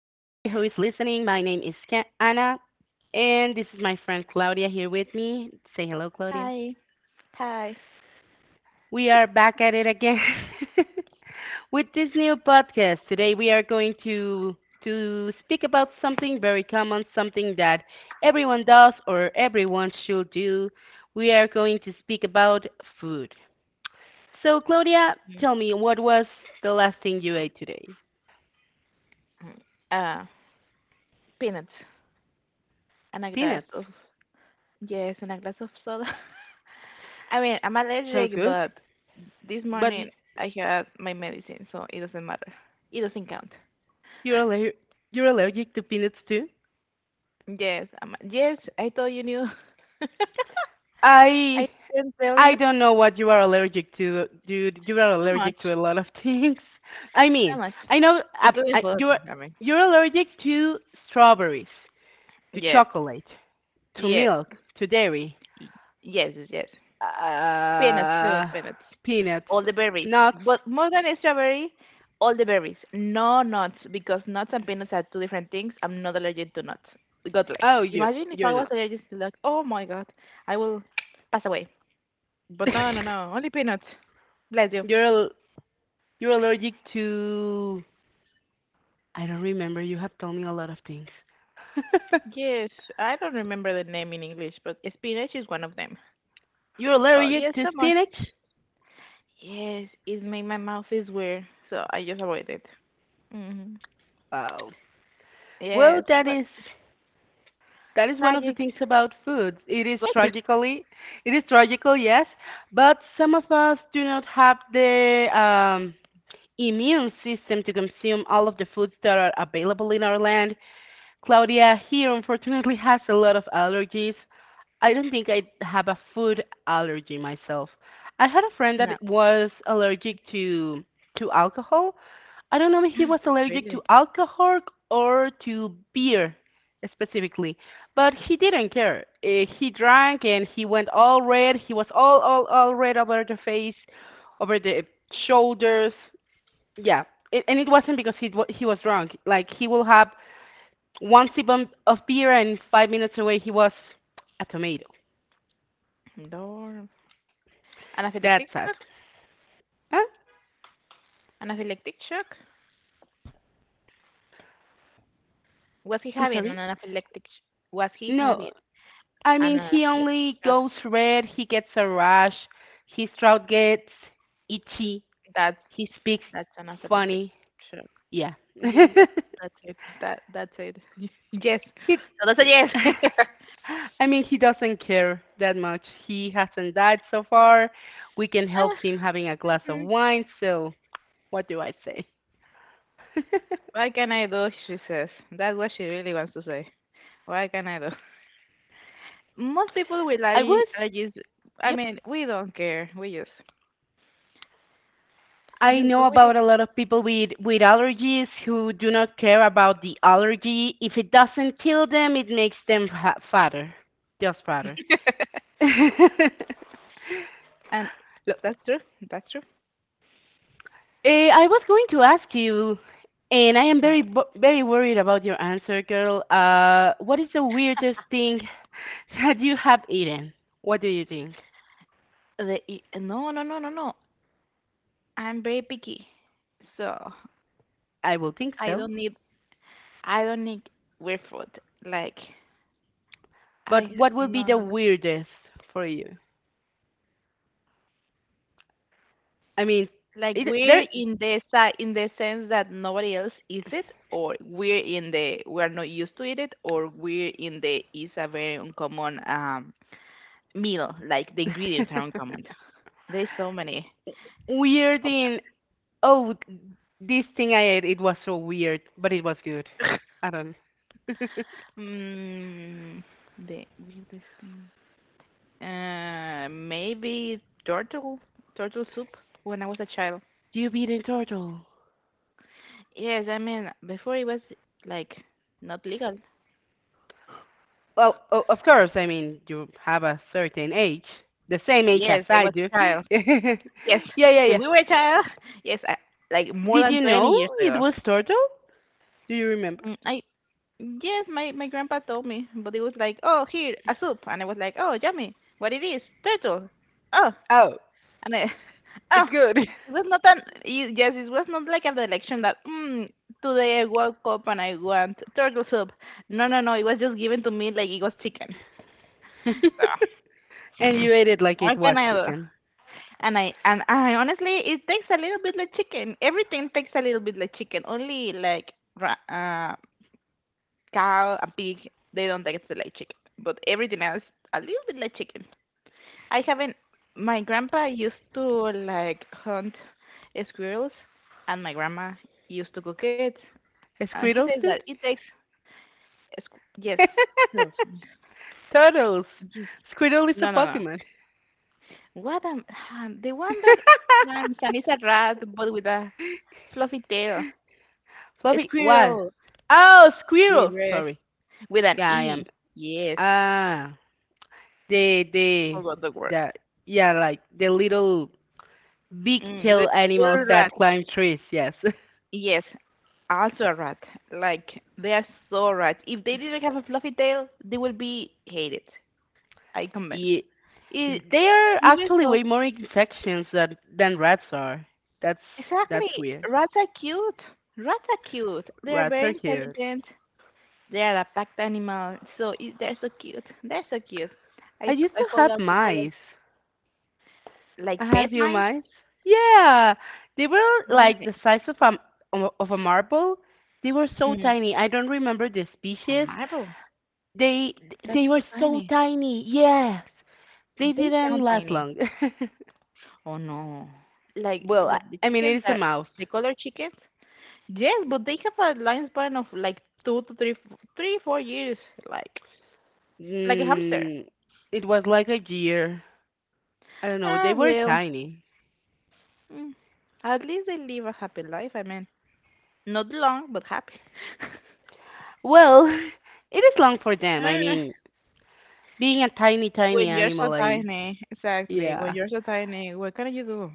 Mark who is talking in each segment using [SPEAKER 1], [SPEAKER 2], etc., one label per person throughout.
[SPEAKER 1] is listening. My name is Anna, and this is my friend Claudia here with me. Say hello, Claudia.
[SPEAKER 2] Hi. Hi.
[SPEAKER 1] We are back at it again with this new podcast. Today we are going to speak about something very common, something that everyone does or everyone should do. We are going to speak about food. So, Claudia,
[SPEAKER 2] Mm,
[SPEAKER 1] tell me what was the last thing you ate today?
[SPEAKER 2] mm. Uh, peanuts and a glass
[SPEAKER 1] Peanuts.
[SPEAKER 2] of, yes, and a glass of soda. I mean, I'm
[SPEAKER 1] Sounds
[SPEAKER 2] allergic,
[SPEAKER 1] good.
[SPEAKER 2] but this
[SPEAKER 1] But
[SPEAKER 2] morning I had my medicine, so it doesn't matter. It doesn't count.
[SPEAKER 1] You're aller you're allergic to peanuts too?
[SPEAKER 2] Yes, I'm, yes, I thought you knew. I
[SPEAKER 1] I
[SPEAKER 2] didn't tell
[SPEAKER 1] I
[SPEAKER 2] you
[SPEAKER 1] don't know what you are allergic to, dude. You are
[SPEAKER 2] so much,
[SPEAKER 1] allergic to a lot of things. I
[SPEAKER 2] so
[SPEAKER 1] mean,
[SPEAKER 2] much,
[SPEAKER 1] I know
[SPEAKER 2] including food.
[SPEAKER 1] you're
[SPEAKER 2] I mean,
[SPEAKER 1] you're allergic to strawberries, to
[SPEAKER 2] yes,
[SPEAKER 1] chocolate, to
[SPEAKER 2] yes,
[SPEAKER 1] milk, to dairy,
[SPEAKER 2] y- yes, yes, yes. Peanuts too,
[SPEAKER 1] uh,
[SPEAKER 2] peanuts.
[SPEAKER 1] peanuts,
[SPEAKER 2] All the berries.
[SPEAKER 1] nuts.
[SPEAKER 2] But more than a strawberry, all the berries. No nuts, because nuts and peanuts are two different things. I'm not allergic to nuts. God bless.
[SPEAKER 1] Oh, you
[SPEAKER 2] Imagine if I
[SPEAKER 1] you're
[SPEAKER 2] was
[SPEAKER 1] not.
[SPEAKER 2] allergic to, like, oh my god, I will pass away. But no, no, no, only peanuts. Bless you.
[SPEAKER 1] You're al- you're allergic to, I don't remember. You have told me a lot of things.
[SPEAKER 2] Yes, I don't remember the name in English, but spinach is one of them.
[SPEAKER 1] You're
[SPEAKER 2] Oh
[SPEAKER 1] allergic
[SPEAKER 2] yes,
[SPEAKER 1] to
[SPEAKER 2] so much.
[SPEAKER 1] spinach?
[SPEAKER 2] Yes, it made my mouth is weird, so I just avoid it. Hmm.
[SPEAKER 1] Wow. Well,
[SPEAKER 2] Yes,
[SPEAKER 1] that
[SPEAKER 2] but
[SPEAKER 1] is that is one of the
[SPEAKER 2] tragic.
[SPEAKER 1] things about food. It is
[SPEAKER 2] But
[SPEAKER 1] tragically, it is tragical, yes, but some of us do not have the immune system to consume all of the foods that are available in our land. Claudia here unfortunately has a lot of allergies, I don't think I have a food allergy myself. I had a friend
[SPEAKER 2] no,
[SPEAKER 1] that was allergic to alcohol. I don't know if he was allergic to
[SPEAKER 2] really.
[SPEAKER 1] alcohol or to beer specifically, but he didn't care. He drank and he went all red. He was all red over the face, over the shoulders. Yeah, and it wasn't because he was drunk. Like he will have one sip of beer and 5 minutes away he was a tomato.
[SPEAKER 2] No. أنا في
[SPEAKER 1] That's sad.
[SPEAKER 2] الإكتشك
[SPEAKER 1] Huh?
[SPEAKER 2] أنا في الإكتشك وفي
[SPEAKER 1] I'm
[SPEAKER 2] أنا
[SPEAKER 1] sorry.
[SPEAKER 2] أنا في الإكتشك وفي
[SPEAKER 1] No, I mean
[SPEAKER 2] أنا أنا
[SPEAKER 1] he
[SPEAKER 2] في
[SPEAKER 1] only
[SPEAKER 2] الإكتشك.
[SPEAKER 1] goes red. He gets a rash. His throat gets itchy.
[SPEAKER 2] that's
[SPEAKER 1] He speaks
[SPEAKER 2] that's أنا في الإكتشك.
[SPEAKER 1] funny. Yeah.
[SPEAKER 2] Yes, that, that's it, that's it. Yes, so that's a yes.
[SPEAKER 1] I mean, he doesn't care that much. He hasn't died so far. We can help him having a glass of
[SPEAKER 2] Mhm.
[SPEAKER 1] wine. So what do I say?
[SPEAKER 2] What can I do, she says, that's what she really wants to say. What can I do? Most people
[SPEAKER 1] I
[SPEAKER 2] will,
[SPEAKER 1] was,
[SPEAKER 2] like, I just,
[SPEAKER 1] yep,
[SPEAKER 2] I mean, we don't care, we
[SPEAKER 1] I
[SPEAKER 2] just go
[SPEAKER 1] know
[SPEAKER 2] with it.
[SPEAKER 1] about a lot of people with allergies who do not care about the allergy. If it doesn't kill them, it makes them fatter, just fatter. Look,
[SPEAKER 2] And that's true, that's true.
[SPEAKER 1] I was going to ask you, and I am very very worried about your answer, girl. What is the weirdest thing that you have eaten? What do you think?
[SPEAKER 2] No, no, no, no, no. I'm very picky, so
[SPEAKER 1] I will think
[SPEAKER 2] I
[SPEAKER 1] so.
[SPEAKER 2] don't need I don't need weird food. Like,
[SPEAKER 1] But what will be
[SPEAKER 2] no,
[SPEAKER 1] the
[SPEAKER 2] no, no.
[SPEAKER 1] weirdest for you? I mean,
[SPEAKER 2] Like,
[SPEAKER 1] it, there
[SPEAKER 2] weird in the in the sense that nobody else eats it, or weird in the we are not used to eat it, or weird in the is a very uncommon meal. Like, the ingredients are uncommon. There's so many
[SPEAKER 1] weird
[SPEAKER 2] options.
[SPEAKER 1] in Oh, this thing I ate, it was so weird, but it was good. I don't.
[SPEAKER 2] Mm, the weirdest thing. Maybe turtle soup when I was a child.
[SPEAKER 1] You beat a turtle.
[SPEAKER 2] Yes, I mean, before it was, like, not legal.
[SPEAKER 1] Well, of course, I mean, you have a certain age, the same age as
[SPEAKER 2] Yes, I
[SPEAKER 1] I
[SPEAKER 2] was
[SPEAKER 1] do.
[SPEAKER 2] a child. Yes,
[SPEAKER 1] Yeah, yeah,
[SPEAKER 2] when
[SPEAKER 1] yeah.
[SPEAKER 2] we were a child, yes, I, like more
[SPEAKER 1] Did
[SPEAKER 2] than
[SPEAKER 1] you
[SPEAKER 2] 20
[SPEAKER 1] know
[SPEAKER 2] years
[SPEAKER 1] it
[SPEAKER 2] ago.
[SPEAKER 1] was turtle? Do you remember?
[SPEAKER 2] Mm, I yes, my grandpa told me, but it was like, oh, here a soup, and I was like, oh, yummy, what it is? Turtle. Oh,
[SPEAKER 1] Oh,
[SPEAKER 2] and I oh,
[SPEAKER 1] it's good.
[SPEAKER 2] it was not an yes, it was not like an election that, today I woke up and I want turtle soup. No, no, no, it was just given to me like it was chicken. So,
[SPEAKER 1] And you ate it like
[SPEAKER 2] what
[SPEAKER 1] it
[SPEAKER 2] can
[SPEAKER 1] was
[SPEAKER 2] I do?
[SPEAKER 1] chicken.
[SPEAKER 2] And I honestly, it takes a little bit like chicken. Everything takes a little bit like chicken. Only, like, ra- uh, cow and pig, they don't taste like chicken. But everything else, a little bit like chicken. I haven't. My grandpa used to, like, hunt squirrels, and my grandma used to cook it. And he
[SPEAKER 1] Squiddles,
[SPEAKER 2] says
[SPEAKER 1] dude?
[SPEAKER 2] that it takes yes, squirrels.
[SPEAKER 1] Turtles.
[SPEAKER 2] Yes.
[SPEAKER 1] Squirtle is a
[SPEAKER 2] No, no, no.
[SPEAKER 1] Pokemon.
[SPEAKER 2] What am the one that climbs and is a rat, but with a fluffy tail.
[SPEAKER 1] Fluffy, what?
[SPEAKER 2] Squirrel.
[SPEAKER 1] Oh, squirrel.
[SPEAKER 2] Squirrel.
[SPEAKER 1] Sorry.
[SPEAKER 2] With an
[SPEAKER 1] Yeah, I am.
[SPEAKER 2] E. Yes.
[SPEAKER 1] Ah, the the
[SPEAKER 2] Forgot the word.
[SPEAKER 1] the yeah, like the little big
[SPEAKER 2] The
[SPEAKER 1] tail animals
[SPEAKER 2] little
[SPEAKER 1] that
[SPEAKER 2] rat.
[SPEAKER 1] climb trees. Yes,
[SPEAKER 2] Yes. Also a rat. Like, they are so rats. If they didn't have a fluffy tail, they would be hated. I convinced.
[SPEAKER 1] Ye-
[SPEAKER 2] E-
[SPEAKER 1] they are
[SPEAKER 2] even
[SPEAKER 1] actually
[SPEAKER 2] so,
[SPEAKER 1] way more in sections than rats are. That's that's
[SPEAKER 2] exactly.
[SPEAKER 1] weird.
[SPEAKER 2] Rats are cute. Rats are cute. They are
[SPEAKER 1] Rats
[SPEAKER 2] very
[SPEAKER 1] are cute.
[SPEAKER 2] intelligent. They are a pack animal. So, they're so cute. They're so cute.
[SPEAKER 1] I
[SPEAKER 2] I,
[SPEAKER 1] used
[SPEAKER 2] I
[SPEAKER 1] to
[SPEAKER 2] follow
[SPEAKER 1] have
[SPEAKER 2] a couple of,
[SPEAKER 1] mice. I
[SPEAKER 2] like,
[SPEAKER 1] had a
[SPEAKER 2] pet
[SPEAKER 1] few
[SPEAKER 2] mines.
[SPEAKER 1] mice. Yeah, they were like
[SPEAKER 2] Right.
[SPEAKER 1] the size of a marble. They were so
[SPEAKER 2] Mm,
[SPEAKER 1] tiny. I don't remember the
[SPEAKER 2] a
[SPEAKER 1] species.
[SPEAKER 2] marble.
[SPEAKER 1] They
[SPEAKER 2] That's
[SPEAKER 1] they
[SPEAKER 2] so
[SPEAKER 1] were so
[SPEAKER 2] tiny.
[SPEAKER 1] tiny. Yes. They
[SPEAKER 2] They
[SPEAKER 1] didn't
[SPEAKER 2] sound
[SPEAKER 1] last
[SPEAKER 2] tiny.
[SPEAKER 1] long.
[SPEAKER 2] Oh no. Like
[SPEAKER 1] Well,
[SPEAKER 2] like the
[SPEAKER 1] I mean, it
[SPEAKER 2] chickens
[SPEAKER 1] is a
[SPEAKER 2] that
[SPEAKER 1] mouse.
[SPEAKER 2] the colored chickens? Yes, but they have a lifespan of like two to three, three, 4 years, like like a hamster.
[SPEAKER 1] Mm, it was like a year. I don't know.
[SPEAKER 2] Ah
[SPEAKER 1] They were
[SPEAKER 2] well.
[SPEAKER 1] tiny.
[SPEAKER 2] mm, At least they live a happy life. I mean, not long, but happy.
[SPEAKER 1] Well, it is long for them. I
[SPEAKER 2] Ah,
[SPEAKER 1] mean, being a tiny, tiny
[SPEAKER 2] when you're so
[SPEAKER 1] animal, I
[SPEAKER 2] tiny, exactly. When
[SPEAKER 1] yeah.
[SPEAKER 2] you're so tiny, what can you do?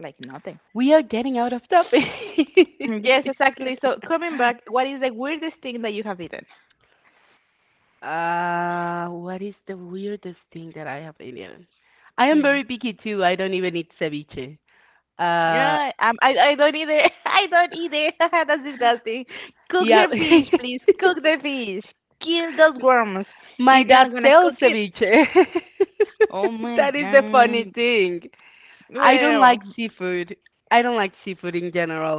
[SPEAKER 2] Like, nothing.
[SPEAKER 1] We are getting out of topic.
[SPEAKER 2] Mm, yes, exactly. So coming back, what is the weirdest thing that you have eaten?
[SPEAKER 1] What is the weirdest thing that I have eaten? I am very picky too. I don't even eat ceviche. Uh,
[SPEAKER 2] Yeah, I don't either. I don't either. That's disgusting. Cook
[SPEAKER 1] yeah.
[SPEAKER 2] your fish, please. Cook the fish. Kill those worms
[SPEAKER 1] My
[SPEAKER 2] if you're
[SPEAKER 1] dad
[SPEAKER 2] not gonna
[SPEAKER 1] sells
[SPEAKER 2] cook it.
[SPEAKER 1] ceviche.
[SPEAKER 2] Oh my
[SPEAKER 1] That is the funny
[SPEAKER 2] god.
[SPEAKER 1] thing. I don't like
[SPEAKER 2] Well,
[SPEAKER 1] seafood. I don't like seafood in general.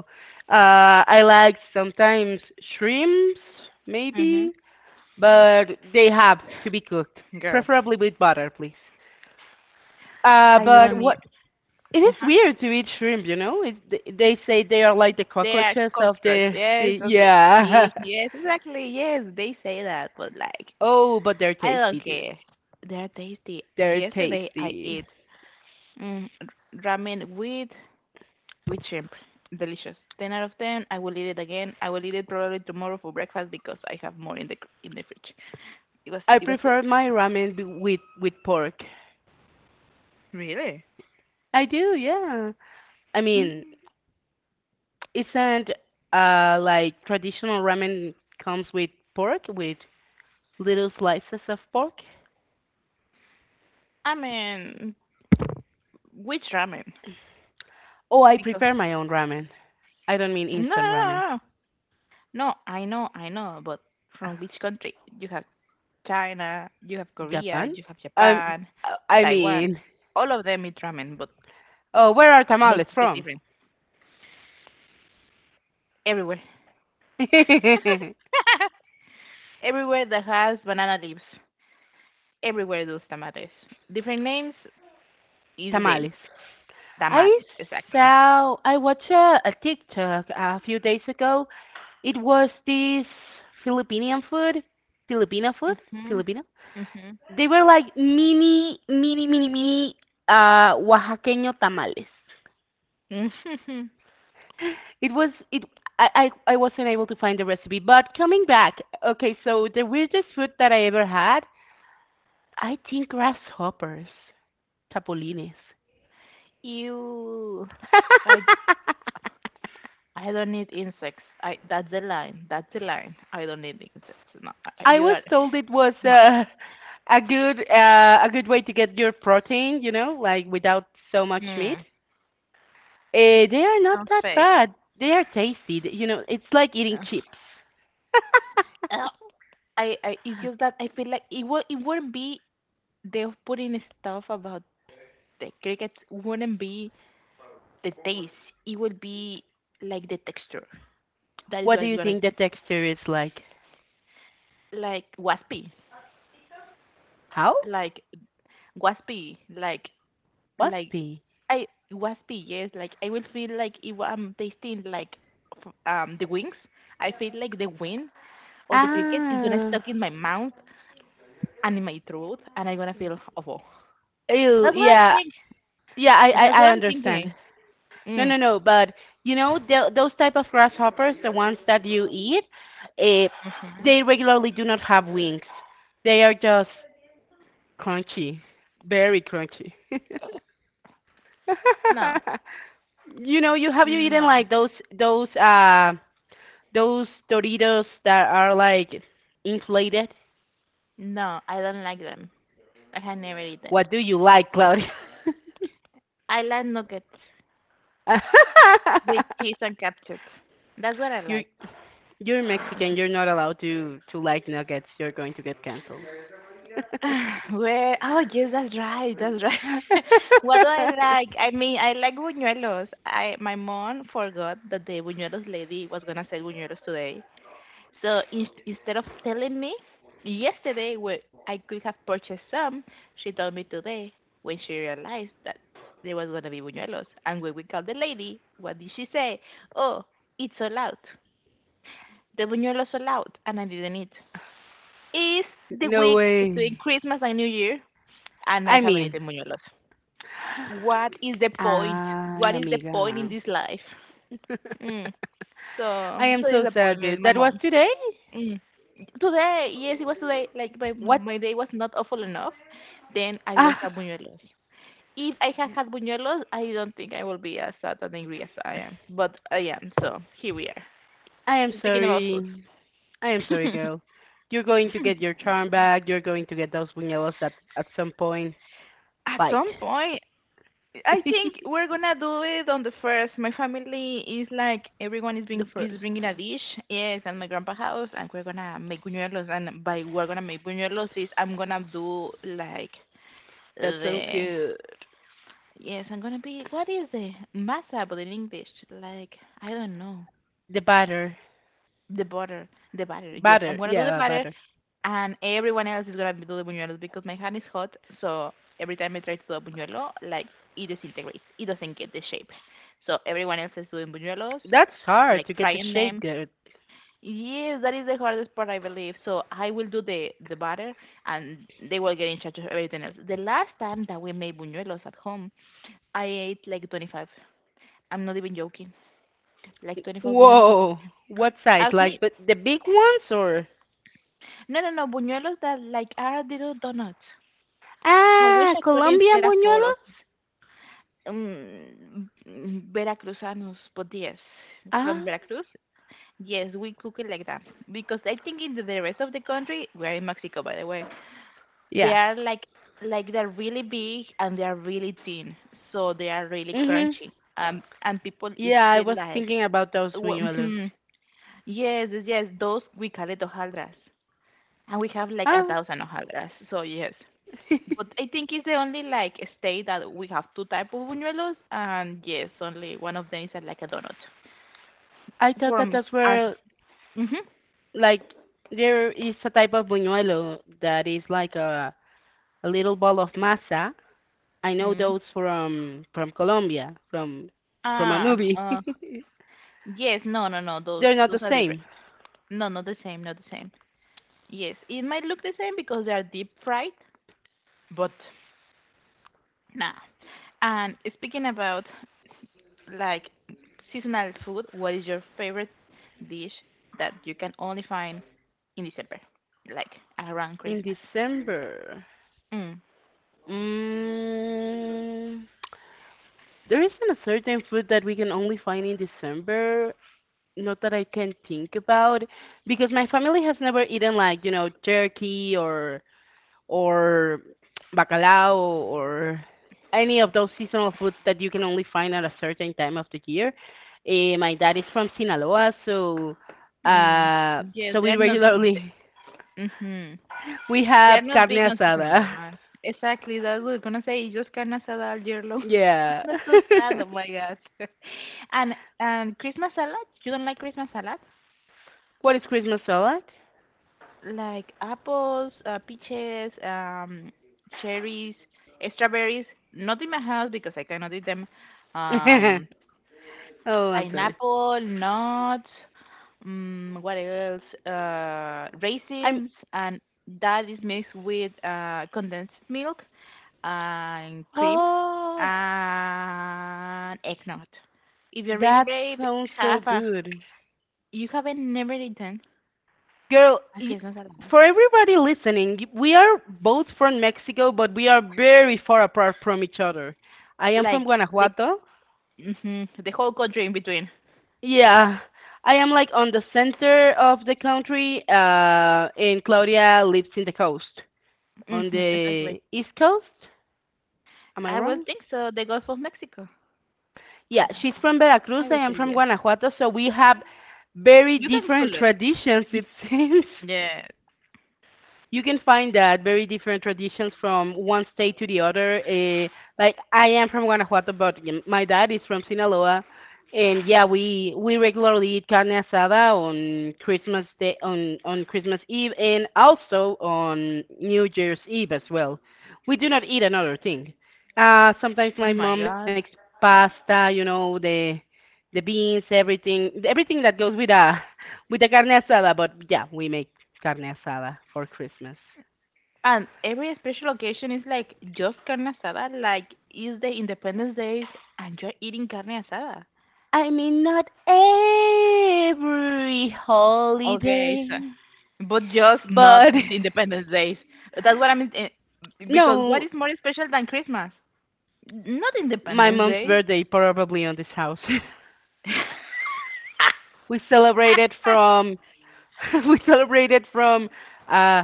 [SPEAKER 1] I like sometimes shrimps,
[SPEAKER 2] mhm.
[SPEAKER 1] maybe, but they have to be cooked,
[SPEAKER 2] Girl,
[SPEAKER 1] preferably with butter, please. Uh,
[SPEAKER 2] I
[SPEAKER 1] but
[SPEAKER 2] don't
[SPEAKER 1] what
[SPEAKER 2] need.
[SPEAKER 1] it
[SPEAKER 2] Uh
[SPEAKER 1] is
[SPEAKER 2] huh.
[SPEAKER 1] weird to eat shrimp, you know? They say they are like the
[SPEAKER 2] They are
[SPEAKER 1] cockroaches of
[SPEAKER 2] cockroaches.
[SPEAKER 1] the
[SPEAKER 2] Yes,
[SPEAKER 1] sea.
[SPEAKER 2] so, they,
[SPEAKER 1] Yeah.
[SPEAKER 2] see, yes, exactly. Yes, they say that, but, like,
[SPEAKER 1] Oh, but they're
[SPEAKER 2] I
[SPEAKER 1] tasty,
[SPEAKER 2] don't
[SPEAKER 1] dude.
[SPEAKER 2] care. They're tasty.
[SPEAKER 1] They're
[SPEAKER 2] Yesterday I
[SPEAKER 1] tasty.
[SPEAKER 2] ate, ramen with shrimp. Delicious. 10 out of 10. I will eat it again. I will eat it probably tomorrow for breakfast because I have more in the fridge. It was
[SPEAKER 1] I
[SPEAKER 2] it was good.
[SPEAKER 1] prefer my ramen with pork.
[SPEAKER 2] Really?
[SPEAKER 1] I do, yeah. I mean,
[SPEAKER 2] Mm,
[SPEAKER 1] isn't like traditional ramen comes with pork with little slices of pork?
[SPEAKER 2] I mean, which ramen?
[SPEAKER 1] Oh, I
[SPEAKER 2] Because
[SPEAKER 1] prepare my own ramen. I don't mean
[SPEAKER 2] no, no,
[SPEAKER 1] instant ramen.
[SPEAKER 2] no, no. No, no, I know, but from which country? You have China, you have Korea,
[SPEAKER 1] Japan?
[SPEAKER 2] you have
[SPEAKER 1] Um,
[SPEAKER 2] Japan,
[SPEAKER 1] I
[SPEAKER 2] Taiwan.
[SPEAKER 1] mean,
[SPEAKER 2] All of them eat ramen, but
[SPEAKER 1] oh, where are
[SPEAKER 2] they
[SPEAKER 1] tamales
[SPEAKER 2] cook it
[SPEAKER 1] from?
[SPEAKER 2] different everywhere. Everywhere that has banana leaves. Everywhere those tamales. Different names is the same.
[SPEAKER 1] Tamales.
[SPEAKER 2] Tamales,
[SPEAKER 1] I
[SPEAKER 2] exactly.
[SPEAKER 1] I watched a TikTok a few days ago. It was this Filipinian food, Filipino food,
[SPEAKER 2] Mhm.
[SPEAKER 1] Filipino.
[SPEAKER 2] Mhm.
[SPEAKER 1] They were like mini, mini, mini, mini Oaxaqueño tamales.
[SPEAKER 2] Mhm.
[SPEAKER 1] It was it. I wasn't able to find the recipe, but coming back, okay. So the weirdest food that I ever had, I think grasshoppers, chapulines.
[SPEAKER 2] Ew. I I don't need insects. I that's the line. That's the line. I don't need insects. No,
[SPEAKER 1] I
[SPEAKER 2] you
[SPEAKER 1] was
[SPEAKER 2] are
[SPEAKER 1] told it was
[SPEAKER 2] No.
[SPEAKER 1] a good way to get your protein, like without so much meat.
[SPEAKER 2] Mm,
[SPEAKER 1] They are not
[SPEAKER 2] sounds
[SPEAKER 1] that
[SPEAKER 2] fake.
[SPEAKER 1] bad. They are tasty. You know, it's like eating
[SPEAKER 2] Ugh.
[SPEAKER 1] chips.
[SPEAKER 2] Uh, I it's just that I feel like it wouldn't be, they're putting stuff about the crickets wouldn't be the taste. It would be, like, the texture. That is
[SPEAKER 1] What do
[SPEAKER 2] what's
[SPEAKER 1] you
[SPEAKER 2] gonna,
[SPEAKER 1] think the texture is like?
[SPEAKER 2] waspy,
[SPEAKER 1] How?
[SPEAKER 2] like waspy like like,
[SPEAKER 1] Waspy.
[SPEAKER 2] I, waspy, yes, like I will feel like if I'm tasting, like, the wings. I feel like the wind of the cricket is gonna
[SPEAKER 1] Ah.
[SPEAKER 2] stuck in my mouth and in my throat and I'm gonna feel awful.
[SPEAKER 1] Ew.
[SPEAKER 2] That's what I'm
[SPEAKER 1] Yeah.
[SPEAKER 2] thinking.
[SPEAKER 1] Yeah. I I,
[SPEAKER 2] That's what
[SPEAKER 1] I
[SPEAKER 2] I'm thinking.
[SPEAKER 1] understand. No,
[SPEAKER 2] mm.
[SPEAKER 1] no, no. But you know, those type of grasshoppers, the ones that you eat, uh,
[SPEAKER 2] Hmm.
[SPEAKER 1] they regularly do not have wings. They are just crunchy, very crunchy.
[SPEAKER 2] No,
[SPEAKER 1] you know, you eaten
[SPEAKER 2] no,
[SPEAKER 1] like those uh those Doritos that are like inflated?
[SPEAKER 2] no, I don't like them. I have never eaten.
[SPEAKER 1] What do you like, Claudia?
[SPEAKER 2] I like nuggets with cheese and ketchup. That's what I
[SPEAKER 1] you
[SPEAKER 2] like.
[SPEAKER 1] you're Mexican.
[SPEAKER 2] Mm.
[SPEAKER 1] You're not allowed to like nuggets. You're going to get canceled.
[SPEAKER 2] Where oh, yes, that's right, that's right. What do I like? I mean, I like buñuelos. I My mom forgot that the buñuelos lady was gonna sell buñuelos today. So instead of telling me yesterday where I could have purchased some, she told me today when she realized that there was gonna be buñuelos. And when we called the lady, what did she say? Oh, it's all out. The buñuelos all out, and I didn't eat. Is the
[SPEAKER 1] no
[SPEAKER 2] week between
[SPEAKER 1] way.
[SPEAKER 2] Christmas and New Year and I
[SPEAKER 1] I
[SPEAKER 2] haven't
[SPEAKER 1] mean,
[SPEAKER 2] eaten buñuelos. What is the point?
[SPEAKER 1] ay,
[SPEAKER 2] What is the
[SPEAKER 1] amiga.
[SPEAKER 2] point in this life? Mm. So
[SPEAKER 1] I am
[SPEAKER 2] so
[SPEAKER 1] so sad,
[SPEAKER 2] disappointed,
[SPEAKER 1] dude.
[SPEAKER 2] my
[SPEAKER 1] That was
[SPEAKER 2] mom.
[SPEAKER 1] today.
[SPEAKER 2] Mm. Today, yes, it was today. Like, my
[SPEAKER 1] What
[SPEAKER 2] my day was not awful enough. Then I don't
[SPEAKER 1] Ah,
[SPEAKER 2] have buñuelos. If I had had buñuelos, I don't think I will be as sad and angry as I am. But I am. So here we are.
[SPEAKER 1] I am
[SPEAKER 2] Speaking about food.
[SPEAKER 1] sorry. I am sorry, girl. You're going to get your charm back. You're going to get those buñuelos at some point.
[SPEAKER 2] At
[SPEAKER 1] Fight.
[SPEAKER 2] some point, I
[SPEAKER 1] The
[SPEAKER 2] think we're gonna do it on the first. My family is like everyone is
[SPEAKER 1] first.
[SPEAKER 2] bringing a dish. Yes, at my grandpa house, and we're gonna make buñuelos. And by we're gonna make buñuelos is I'm gonna do, like,
[SPEAKER 1] That sounds
[SPEAKER 2] the
[SPEAKER 1] good.
[SPEAKER 2] yes. I'm gonna be what is the masa, but in English, like, I don't know,
[SPEAKER 1] The batter.
[SPEAKER 2] the butter, Yes, I'm
[SPEAKER 1] Batter.
[SPEAKER 2] gonna do the
[SPEAKER 1] Yeah,
[SPEAKER 2] butter,
[SPEAKER 1] batter.
[SPEAKER 2] and everyone else is gonna do the buñuelos because my hand is hot. So every time I try to do a buñuelo, like, it disintegrates. It doesn't get the shape. So everyone else is doing buñuelos,
[SPEAKER 1] That's hard
[SPEAKER 2] like
[SPEAKER 1] to get the
[SPEAKER 2] frying them.
[SPEAKER 1] shape good.
[SPEAKER 2] Yes, that is the hardest part, I believe. So I will do the batter, and they will get in charge of everything else. The last time that we made buñuelos at home, I ate like 25. I'm not even joking. Like, 25 buñuelos.
[SPEAKER 1] Whoa. What size?
[SPEAKER 2] Ask me.
[SPEAKER 1] Like but the big ones or?
[SPEAKER 2] No, no, no. Buñuelos that, like, are little donuts. I wish
[SPEAKER 1] Ah,
[SPEAKER 2] I could instead
[SPEAKER 1] Colombian
[SPEAKER 2] afford.
[SPEAKER 1] buñuelos?
[SPEAKER 2] Veracruzanos, but yes, from
[SPEAKER 1] Ah,
[SPEAKER 2] Veracruz, yes, we cook it like that because I think in the rest of the country, we are in Mexico, by the way, they
[SPEAKER 1] yeah.
[SPEAKER 2] are, like they're really big and they are really thin, so they are really
[SPEAKER 1] Mhm.
[SPEAKER 2] crunchy. And people eat
[SPEAKER 1] Yeah, I
[SPEAKER 2] it
[SPEAKER 1] was
[SPEAKER 2] like,
[SPEAKER 1] thinking about those buñuelos.
[SPEAKER 2] mm, yes, yes, yes, those we call it hojaldras, and we have like a
[SPEAKER 1] Ah,
[SPEAKER 2] thousand hojaldras, so yes. But I think it's the only like state that we have two type of buñuelos, and yes, only one of them is like a donut.
[SPEAKER 1] I thought that
[SPEAKER 2] From
[SPEAKER 1] those
[SPEAKER 2] and,
[SPEAKER 1] were
[SPEAKER 2] hmm,
[SPEAKER 1] like there is a type of buñuelo that is like a little ball of masa. I know
[SPEAKER 2] mm,
[SPEAKER 1] those from Colombia, from a
[SPEAKER 2] ah,
[SPEAKER 1] movie.
[SPEAKER 2] yes, no, no, no,
[SPEAKER 1] They're not
[SPEAKER 2] those
[SPEAKER 1] the
[SPEAKER 2] are different.
[SPEAKER 1] same.
[SPEAKER 2] No, not the same, not the same. Yes, it might look the same because they are deep fried, but nah. And speaking about, like, seasonal food, what is your favorite dish that you can only find in December, like around
[SPEAKER 1] In
[SPEAKER 2] Christmas?
[SPEAKER 1] December,
[SPEAKER 2] Mm.
[SPEAKER 1] mm, there isn't a certain food that we can only find in December. Not that I can think about, because my family has never eaten like turkey or bacalao or any of those seasonal foods that you can only find at a certain time of the year. My dad is from Sinaloa,
[SPEAKER 2] Mm.
[SPEAKER 1] uh,
[SPEAKER 2] Yes,
[SPEAKER 1] so
[SPEAKER 2] they're
[SPEAKER 1] we
[SPEAKER 2] not.
[SPEAKER 1] regularly
[SPEAKER 2] Mm-hmm.
[SPEAKER 1] we
[SPEAKER 2] They're
[SPEAKER 1] have
[SPEAKER 2] not
[SPEAKER 1] carne
[SPEAKER 2] big on seasonal,
[SPEAKER 1] asada.
[SPEAKER 2] right? Exactly. That's what I was gonna say. You just carne asada all year long.
[SPEAKER 1] Yeah.
[SPEAKER 2] That's so sad. Oh my God. and and Christmas salad? You don't like Christmas salad?
[SPEAKER 1] what is Christmas salad?
[SPEAKER 2] Like, apples, peaches, cherries, strawberries. Not in my house because I cannot eat them. Um,
[SPEAKER 1] oh, I'm sorry.
[SPEAKER 2] Pineapple, nuts, what else?
[SPEAKER 1] I'm.
[SPEAKER 2] Raisins, and that is mixed with condensed milk and cream
[SPEAKER 1] Oh,
[SPEAKER 2] and eggnog. If you're really
[SPEAKER 1] that
[SPEAKER 2] brave,
[SPEAKER 1] sounds
[SPEAKER 2] have
[SPEAKER 1] so
[SPEAKER 2] a.
[SPEAKER 1] good.
[SPEAKER 2] You haven't never eaten
[SPEAKER 1] Girl,
[SPEAKER 2] a Christmas salad,
[SPEAKER 1] for everybody listening, we are both from Mexico, but we are very far apart from each other. I am from
[SPEAKER 2] like the
[SPEAKER 1] Guanajuato.
[SPEAKER 2] the whole country in between.
[SPEAKER 1] Yeah, I am like on the center of the country, and Claudia lives in the coast, on
[SPEAKER 2] Exactly.
[SPEAKER 1] the east coast. Am I
[SPEAKER 2] I will
[SPEAKER 1] wrong?
[SPEAKER 2] think so. The Gulf of Mexico. I
[SPEAKER 1] Yeah,
[SPEAKER 2] don't
[SPEAKER 1] she's
[SPEAKER 2] know.
[SPEAKER 1] from
[SPEAKER 2] I
[SPEAKER 1] Veracruz. I
[SPEAKER 2] would say
[SPEAKER 1] am from
[SPEAKER 2] yes.
[SPEAKER 1] Guanajuato, so we have very
[SPEAKER 2] You can
[SPEAKER 1] different
[SPEAKER 2] Google it.
[SPEAKER 1] traditions, it seems.
[SPEAKER 2] Yeah.
[SPEAKER 1] you can find that very different traditions from one state to the other. Like I am from Guanajuato, but my dad is from Sinaloa, and yeah, we regularly eat carne asada on Christmas day on Christmas Eve and also on New Year's Eve as well. We do not eat another thing. Sometimes
[SPEAKER 2] Oh
[SPEAKER 1] my
[SPEAKER 2] my
[SPEAKER 1] mom makes
[SPEAKER 2] God.
[SPEAKER 1] pasta, the beans, everything, everything that goes with the carne asada, but yeah, we make carne asada for Christmas.
[SPEAKER 2] And every special occasion is like just carne asada, like it's the Independence Days and you're eating carne asada.
[SPEAKER 1] I mean, not every
[SPEAKER 2] Okay, so,
[SPEAKER 1] holiday,
[SPEAKER 2] but just not
[SPEAKER 1] but
[SPEAKER 2] the Independence Days. That's what I mean. Because what
[SPEAKER 1] no,
[SPEAKER 2] is more special than Christmas? Not
[SPEAKER 1] my
[SPEAKER 2] Independence
[SPEAKER 1] mom's
[SPEAKER 2] Day.
[SPEAKER 1] birthday probably on this house. we celebrated from we celebrated from uh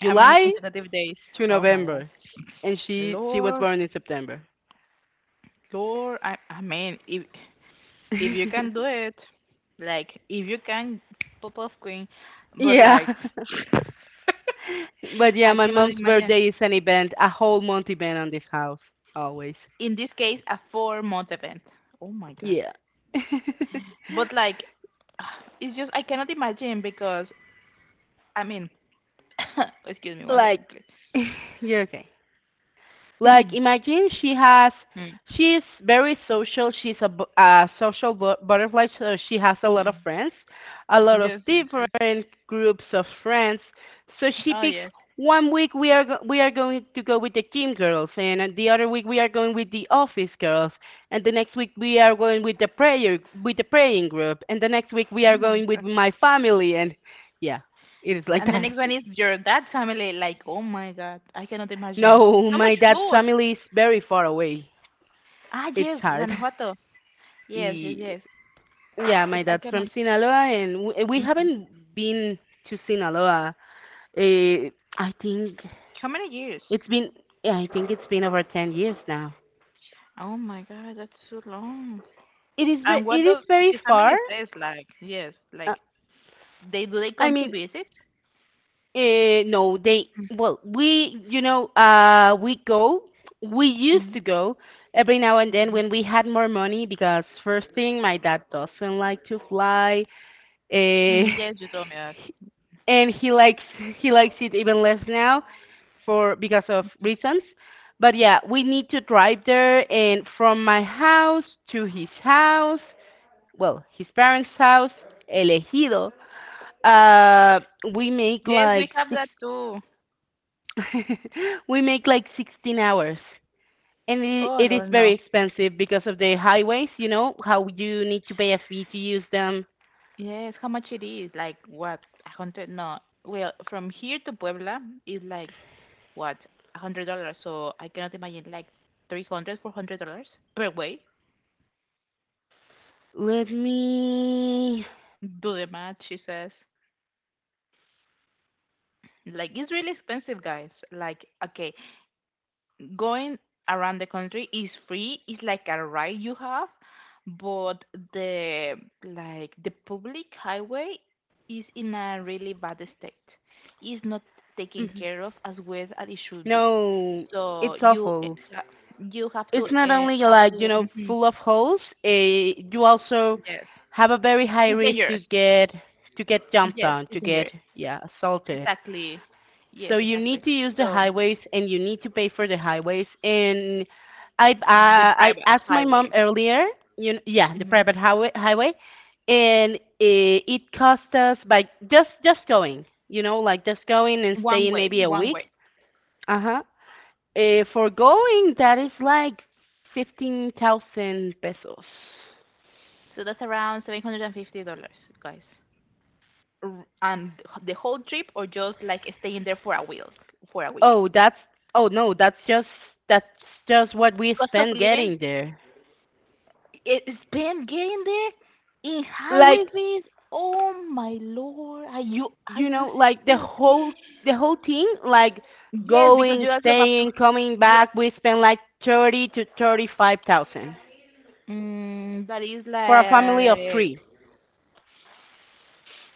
[SPEAKER 2] How many consecutive days?
[SPEAKER 1] to
[SPEAKER 2] Oh my God.
[SPEAKER 1] November, and she was
[SPEAKER 2] Lord,
[SPEAKER 1] born in September.
[SPEAKER 2] Lord, I mean, if you can do it, like if you can, pop off queen, but
[SPEAKER 1] yeah,
[SPEAKER 2] like
[SPEAKER 1] but yeah,
[SPEAKER 2] I
[SPEAKER 1] my
[SPEAKER 2] cannot
[SPEAKER 1] mom's
[SPEAKER 2] imagine.
[SPEAKER 1] birthday is an event, a whole month event on this house always.
[SPEAKER 2] In this case, a four-month event. Oh my god.
[SPEAKER 1] Yeah.
[SPEAKER 2] But like, it's just I cannot imagine because I mean, excuse me 1 second,
[SPEAKER 1] like,
[SPEAKER 2] please.
[SPEAKER 1] you're okay. Like, imagine
[SPEAKER 2] Mm,
[SPEAKER 1] she's very social. She's a social butterfly, so she has a lot
[SPEAKER 2] mm.
[SPEAKER 1] of friends, a lot of
[SPEAKER 2] Yes, yes, yes.
[SPEAKER 1] different groups of friends. So she
[SPEAKER 2] Oh
[SPEAKER 1] picks
[SPEAKER 2] yes.
[SPEAKER 1] one week we are going to go with the gym girls, and the other week we are going with the office girls, and the next week we are going with the praying group, and the next week we
[SPEAKER 2] Oh
[SPEAKER 1] are
[SPEAKER 2] my
[SPEAKER 1] going with
[SPEAKER 2] god.
[SPEAKER 1] my family, and yeah, it is like
[SPEAKER 2] And the
[SPEAKER 1] that.
[SPEAKER 2] next one is your dad's family. Like, oh my god, I cannot imagine.
[SPEAKER 1] No,
[SPEAKER 2] So
[SPEAKER 1] my
[SPEAKER 2] much
[SPEAKER 1] dad's
[SPEAKER 2] food.
[SPEAKER 1] family is very far away.
[SPEAKER 2] Ah
[SPEAKER 1] It's
[SPEAKER 2] yes,
[SPEAKER 1] hard.
[SPEAKER 2] Guanajuato. Yes, yes,
[SPEAKER 1] Y-
[SPEAKER 2] yes.
[SPEAKER 1] Yeah, my
[SPEAKER 2] But I
[SPEAKER 1] dad's from
[SPEAKER 2] cannot.
[SPEAKER 1] Sinaloa, and we
[SPEAKER 2] Mhm.
[SPEAKER 1] haven't been to Sinaloa. Uh, I think
[SPEAKER 2] How many years?
[SPEAKER 1] it's been, yeah, I think it's been over 10 years now.
[SPEAKER 2] Oh my God, that's so long.
[SPEAKER 1] It is, ve-
[SPEAKER 2] And what
[SPEAKER 1] it is
[SPEAKER 2] does
[SPEAKER 1] very
[SPEAKER 2] his
[SPEAKER 1] far.
[SPEAKER 2] family says, like, yes,
[SPEAKER 1] Uh,
[SPEAKER 2] like, they do they
[SPEAKER 1] I
[SPEAKER 2] come to
[SPEAKER 1] mean,
[SPEAKER 2] visit?
[SPEAKER 1] no, they, well, we, we go, we used
[SPEAKER 2] Mhm,
[SPEAKER 1] to go every now and then
[SPEAKER 2] mhm.
[SPEAKER 1] when we had more money because first thing, my dad doesn't like to fly. Eh,
[SPEAKER 2] Yes, you told me that.
[SPEAKER 1] and he likes it even less now for because of reasons. But yeah, we need to drive there, and from my house to his house, well, his parents' house, elegido. Uh, we make
[SPEAKER 2] Yes, we
[SPEAKER 1] like
[SPEAKER 2] have
[SPEAKER 1] six
[SPEAKER 2] that too.
[SPEAKER 1] we make like 16 hours. And
[SPEAKER 2] Oh,
[SPEAKER 1] it is
[SPEAKER 2] no, no.
[SPEAKER 1] very expensive because of the highways, you know, how you need to pay a fee to use them.
[SPEAKER 2] Yes, how much it is? Like, what? A hundred? No. Well, from here to Puebla is like, what? $100. So I cannot imagine like 300, $400 per way.
[SPEAKER 1] Let me.
[SPEAKER 2] Do the math, she says. Like it's really expensive, guys. Like okay, going around the country is free. It's like a ride you have, but the like the public highway is in a really bad state. It's not taken
[SPEAKER 1] Mm-hmm.
[SPEAKER 2] care of as well as it should be.
[SPEAKER 1] No,
[SPEAKER 2] So
[SPEAKER 1] it's awful.
[SPEAKER 2] ha- you
[SPEAKER 1] It's not only
[SPEAKER 2] have
[SPEAKER 1] like, you
[SPEAKER 2] to
[SPEAKER 1] know, full of holes, you also
[SPEAKER 2] yes,
[SPEAKER 1] have a very high
[SPEAKER 2] it's
[SPEAKER 1] risk to
[SPEAKER 2] dangerous.
[SPEAKER 1] get jumped
[SPEAKER 2] Yes,
[SPEAKER 1] on, to
[SPEAKER 2] it's
[SPEAKER 1] get,
[SPEAKER 2] dangerous.
[SPEAKER 1] yeah, assaulted.
[SPEAKER 2] Exactly. Yes,
[SPEAKER 1] So you
[SPEAKER 2] exactly.
[SPEAKER 1] need to use the
[SPEAKER 2] So
[SPEAKER 1] highways and you need to pay for the highways. And I
[SPEAKER 2] the
[SPEAKER 1] uh, I
[SPEAKER 2] private
[SPEAKER 1] asked my mom
[SPEAKER 2] highway.
[SPEAKER 1] earlier, you know, yeah, the
[SPEAKER 2] Mm-hmm.
[SPEAKER 1] private highway and it cost us by just going, you know, like just going and
[SPEAKER 2] One
[SPEAKER 1] staying
[SPEAKER 2] way,
[SPEAKER 1] maybe a
[SPEAKER 2] one
[SPEAKER 1] week.
[SPEAKER 2] way.
[SPEAKER 1] Uh-huh. For going, that is like 15,000 pesos.
[SPEAKER 2] So that's around $750, guys. And the whole trip or just like staying there for a week, for a week.
[SPEAKER 1] Oh, that's, oh no, that's just what we
[SPEAKER 2] Cost of
[SPEAKER 1] spent
[SPEAKER 2] living,
[SPEAKER 1] getting there.
[SPEAKER 2] it's been getting there in highway
[SPEAKER 1] Like,
[SPEAKER 2] fees. Oh my lord, are
[SPEAKER 1] you
[SPEAKER 2] you
[SPEAKER 1] know, like
[SPEAKER 2] serious?
[SPEAKER 1] the whole thing, like
[SPEAKER 2] Yes, because
[SPEAKER 1] going,
[SPEAKER 2] you also have to.
[SPEAKER 1] staying, coming
[SPEAKER 2] Yeah.
[SPEAKER 1] back, we spent like 30 to 35,000
[SPEAKER 2] Mm, that is
[SPEAKER 1] for a family of
[SPEAKER 2] like
[SPEAKER 1] three.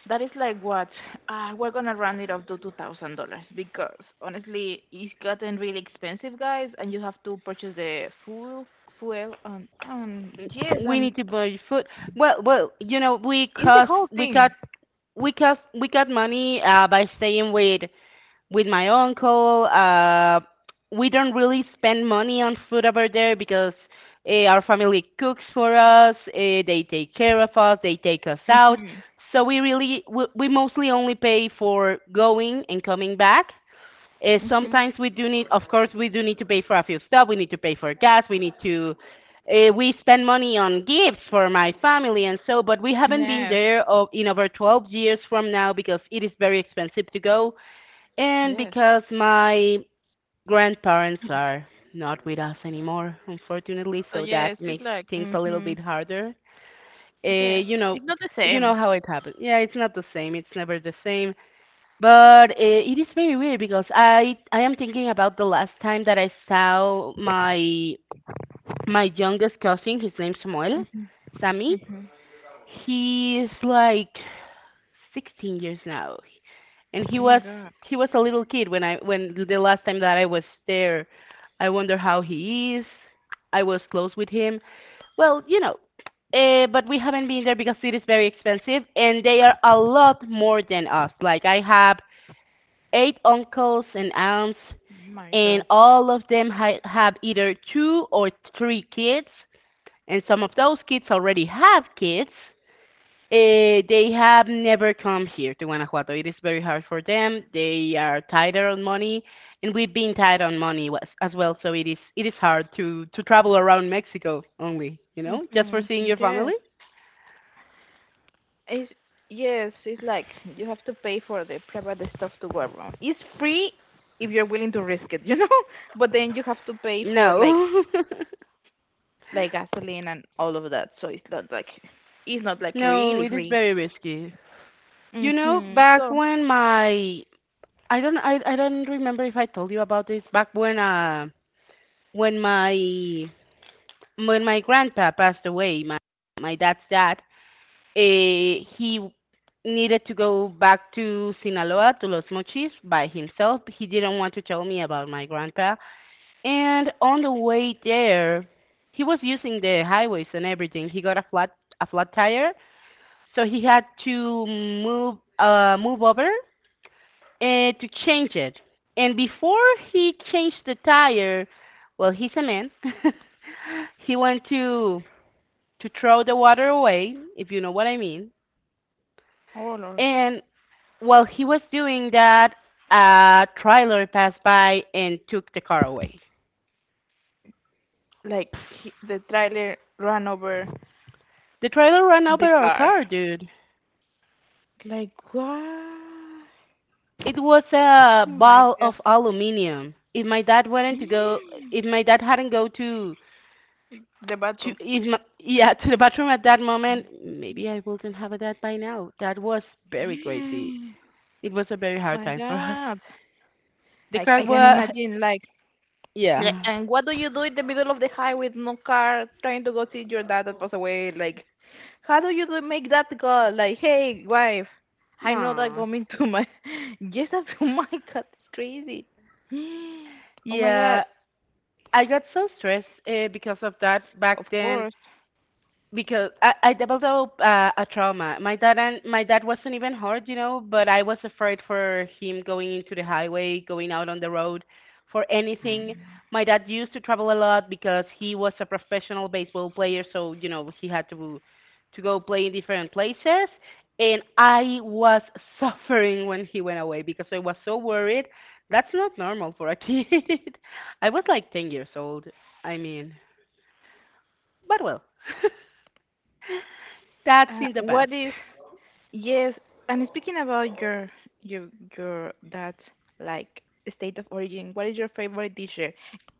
[SPEAKER 2] That is like what? We're gonna round it up to $2,000 because honestly, it's gotten really expensive, guys, and you have to purchase fuel, and yes,
[SPEAKER 1] We
[SPEAKER 2] and
[SPEAKER 1] need to buy food. Well,
[SPEAKER 2] it's the whole thing.
[SPEAKER 1] we cost, we got money by staying with my uncle. We don't really spend money on food over there because our family cooks for us. They take care of us. They take us out.
[SPEAKER 2] Mhm,
[SPEAKER 1] So we mostly only pay for going and coming back.
[SPEAKER 2] mhm.
[SPEAKER 1] Sometimes we do need, of course, we do need to pay for a few stuff. We need to pay for gas. We need to. We spend money on gifts for my family and so, but we haven't been
[SPEAKER 2] Yes,
[SPEAKER 1] there o- in over 12 years from now because it is very expensive to go, and
[SPEAKER 2] yes.
[SPEAKER 1] because my grandparents are not with us anymore, unfortunately,
[SPEAKER 2] So
[SPEAKER 1] so
[SPEAKER 2] yes,
[SPEAKER 1] that
[SPEAKER 2] it's
[SPEAKER 1] makes
[SPEAKER 2] like
[SPEAKER 1] things a little bit harder. Uh,
[SPEAKER 2] yes.
[SPEAKER 1] you know,
[SPEAKER 2] It's not the
[SPEAKER 1] you know
[SPEAKER 2] same.
[SPEAKER 1] how it happens. Yeah, it's not the same. It's never the same. But it is very weird because I am thinking about the last time that I saw my youngest cousin. His name's Samuel,
[SPEAKER 2] Mhm,
[SPEAKER 1] Sammy.
[SPEAKER 2] mhm.
[SPEAKER 1] He's like 16 years now, and
[SPEAKER 2] Oh my god,
[SPEAKER 1] he was a little kid when I when the last time that I was there. I wonder how he is. I was close with him. Well, you know, but we haven't been there because it is very expensive, and they are a lot more than us. Like I have eight uncles and aunts,
[SPEAKER 2] oh my
[SPEAKER 1] and
[SPEAKER 2] god.
[SPEAKER 1] all of them ha- have either two or three kids, and some of those kids already have kids. Eh, they have never come here to Guanajuato. It is very hard for them. They are tighter on money, and we've been tight on money was- as well. So it is hard to travel around Mexico only, you know, just for
[SPEAKER 2] Mhm.
[SPEAKER 1] seeing your family.
[SPEAKER 2] Yes. It's, yes, it's like you have to pay for the private stuff to go around. It's free if you're willing to risk it, you know? But then you have to pay for
[SPEAKER 1] No,
[SPEAKER 2] like gasoline and all of that. So it's not like
[SPEAKER 1] no,
[SPEAKER 2] really
[SPEAKER 1] it is
[SPEAKER 2] free.
[SPEAKER 1] very risky. You know,
[SPEAKER 2] Mhm.
[SPEAKER 1] back
[SPEAKER 2] So
[SPEAKER 1] when my I don't remember if I told you about this. Back when when my when my grandpa passed away, my dad's dad, eh, he needed to go back to Sinaloa, to Los Mochis, by himself. He didn't want to tell me about my grandpa. And on the way there, he was using the highways and everything. He got a flat tire, so he had to move move over and to change it. And before he changed the tire, well, he's a man. he went to throw the water away, if you know what I mean.
[SPEAKER 2] all or
[SPEAKER 1] And while he was doing that, a trailer passed by and took the car away.
[SPEAKER 2] like the trailer ran over
[SPEAKER 1] The trailer ran
[SPEAKER 2] the
[SPEAKER 1] over our
[SPEAKER 2] car.
[SPEAKER 1] car, dude.
[SPEAKER 2] Like what?
[SPEAKER 1] It was a
[SPEAKER 2] Oh my
[SPEAKER 1] ball
[SPEAKER 2] god.
[SPEAKER 1] of aluminium. If my dad went to go, if my dad hadn't go
[SPEAKER 2] The
[SPEAKER 1] to
[SPEAKER 2] bathroom.
[SPEAKER 1] if my, yeah, to the bathroom at that moment, maybe I wouldn't have a dad by now. That was very crazy. It was a very hard
[SPEAKER 2] My
[SPEAKER 1] time for us.
[SPEAKER 2] god.
[SPEAKER 1] The
[SPEAKER 2] Like
[SPEAKER 1] car
[SPEAKER 2] I can
[SPEAKER 1] was,
[SPEAKER 2] imagine like yeah,
[SPEAKER 1] yeah,
[SPEAKER 2] and what do you do in the middle of the highway with no car trying to go see your dad that passed away? Like, how do you do make that call? Like, hey, wife, I know that
[SPEAKER 1] man,
[SPEAKER 2] coming to my. Yes, that's, oh my god, it's crazy. Oh my god,
[SPEAKER 1] yeah. I got so stressed because of that back
[SPEAKER 2] of
[SPEAKER 1] then,
[SPEAKER 2] course.
[SPEAKER 1] because I developed a trauma. My dad wasn't even hurt, you know, but I was afraid for him going into the highway, going out on the road, for anything. My dad used to travel a lot because he was a professional baseball player, so you know he had to go play in different places. And I was suffering when he went away because I was so worried. That's not normal for a kid. I was like 10 years old. I mean, but well, that's in the past.
[SPEAKER 2] What is. Yes, and speaking about your your that like state of origin, what is your favorite dish there?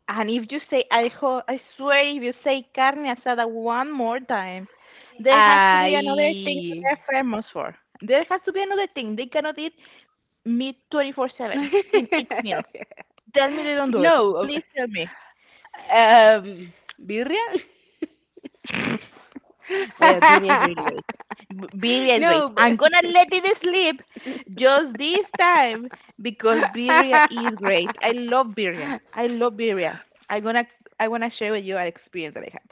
[SPEAKER 2] And if you say alcohol, I swear if you say carne asada one more time, there has to be another thing that
[SPEAKER 1] Ay.
[SPEAKER 2] they're famous for. There has to be another thing. They cannot eat meat 24/7 in each meal. Tell me they don't do it.
[SPEAKER 1] no.
[SPEAKER 2] Please tell me.
[SPEAKER 1] Um, birria?
[SPEAKER 2] Well, Billy is really great. Billy is great.
[SPEAKER 1] no, but.
[SPEAKER 2] I'm gonna let it sleep just this time because Birria is great. I love Birria. I love Birria. I'm gonna I wanna share with you an experience that I had.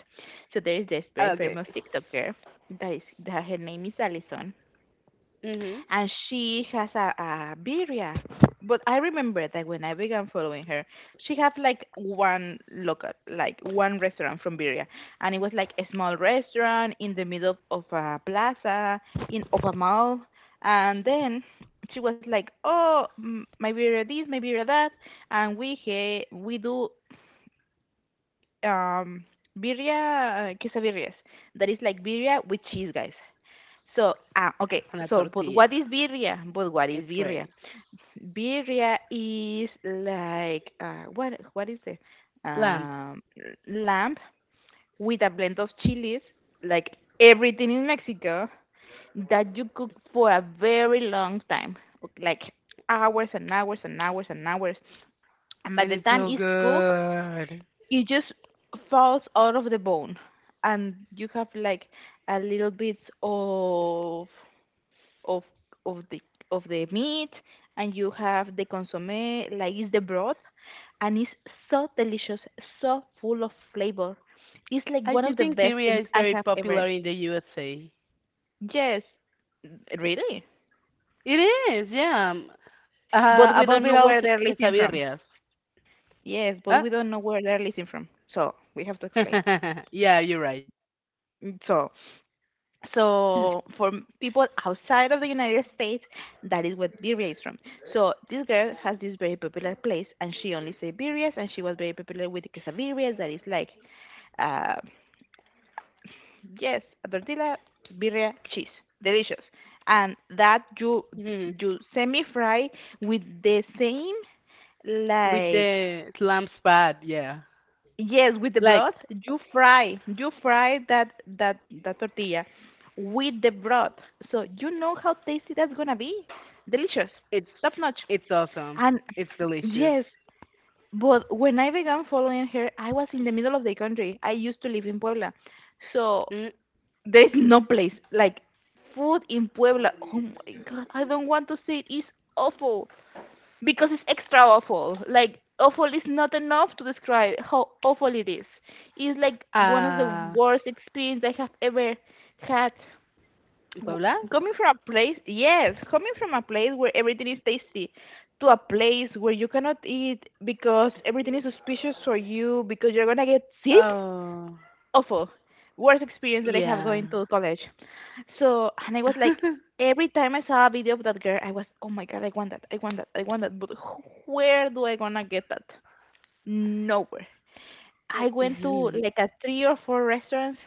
[SPEAKER 2] So there is this very
[SPEAKER 1] okay.
[SPEAKER 2] famous TikToker that is that her name is Alison
[SPEAKER 1] Mhm.
[SPEAKER 2] and she has a birria. But I remember that when I began following her, she had like one local, like one restaurant from Birria, and it was like a small restaurant in the middle of a plaza in of a mall. And then she was like, "Oh, my birria this, my birria that," and we do um birria quesabirrias. That is like birria with cheese, guys. So, ah, okay.
[SPEAKER 1] On a
[SPEAKER 2] So,
[SPEAKER 1] tortilla.
[SPEAKER 2] But what is
[SPEAKER 1] It's
[SPEAKER 2] birria?
[SPEAKER 1] great.
[SPEAKER 2] Birria is like what? What is it?
[SPEAKER 1] Lamb.
[SPEAKER 2] Um, Lamb with a blend of chilies, like everything in Mexico that you cook for a very long time, like hours and by
[SPEAKER 1] And
[SPEAKER 2] the
[SPEAKER 1] it's
[SPEAKER 2] time
[SPEAKER 1] so
[SPEAKER 2] it's cooked,
[SPEAKER 1] good.
[SPEAKER 2] it just falls out of the bone, and you have like a little bit of of of the the meat and you have the consomme like it's the broth and it's so delicious, so full of flavor, it's like
[SPEAKER 1] I
[SPEAKER 2] one
[SPEAKER 1] do
[SPEAKER 2] of the
[SPEAKER 1] think
[SPEAKER 2] best
[SPEAKER 1] birria
[SPEAKER 2] things
[SPEAKER 1] is
[SPEAKER 2] I
[SPEAKER 1] very
[SPEAKER 2] have ever
[SPEAKER 1] popular in the USA.
[SPEAKER 2] yes really
[SPEAKER 1] It is, yeah. Uh,
[SPEAKER 2] but we
[SPEAKER 1] about
[SPEAKER 2] don't know
[SPEAKER 1] viral
[SPEAKER 2] where
[SPEAKER 1] que-
[SPEAKER 2] they're listening from
[SPEAKER 1] quesabirrias.
[SPEAKER 2] yes but
[SPEAKER 1] Huh?
[SPEAKER 2] we don't know where they're listening from so we have to explain.
[SPEAKER 1] yeah, you're right.
[SPEAKER 2] Mm, so so for people outside of the United States, that is what birria is from. So this girl has this very popular place, and she only say birrias, and she was very popular with the quesabirrias. That is like, uh, yes, a tortilla, birria, cheese, delicious, and that you semi fry with the same
[SPEAKER 1] with
[SPEAKER 2] like
[SPEAKER 1] the lamb spad, yeah.
[SPEAKER 2] yes, with the
[SPEAKER 1] Like
[SPEAKER 2] broth, you fry, that tortilla with the broth. So you know how tasty that's gonna be. Delicious,
[SPEAKER 1] it's
[SPEAKER 2] top notch.
[SPEAKER 1] it's awesome.
[SPEAKER 2] And
[SPEAKER 1] It's delicious.
[SPEAKER 2] yes, but when I began following her, I was in the middle of the country. I used to live in Puebla, so
[SPEAKER 1] Mm,
[SPEAKER 2] there is no place like food in Puebla. Oh my God, I don't want to see it. It's awful because it's extra awful. Like awful is not enough to describe how awful it is. It's like one of the
[SPEAKER 1] uh,
[SPEAKER 2] worst experience I have ever had. W-
[SPEAKER 1] Paula?
[SPEAKER 2] Coming from a place, yes, coming from a place where everything is tasty, to a place where you cannot eat because everything is suspicious for you because you're gonna get sick.
[SPEAKER 1] Oh,
[SPEAKER 2] Awful, worst experience that I have
[SPEAKER 1] yeah.
[SPEAKER 2] going to college. So, and I was like, every time I saw a video of that girl, I was, oh my god, I want that, But where do I gonna get that? Nowhere. I went to like a three or four restaurants,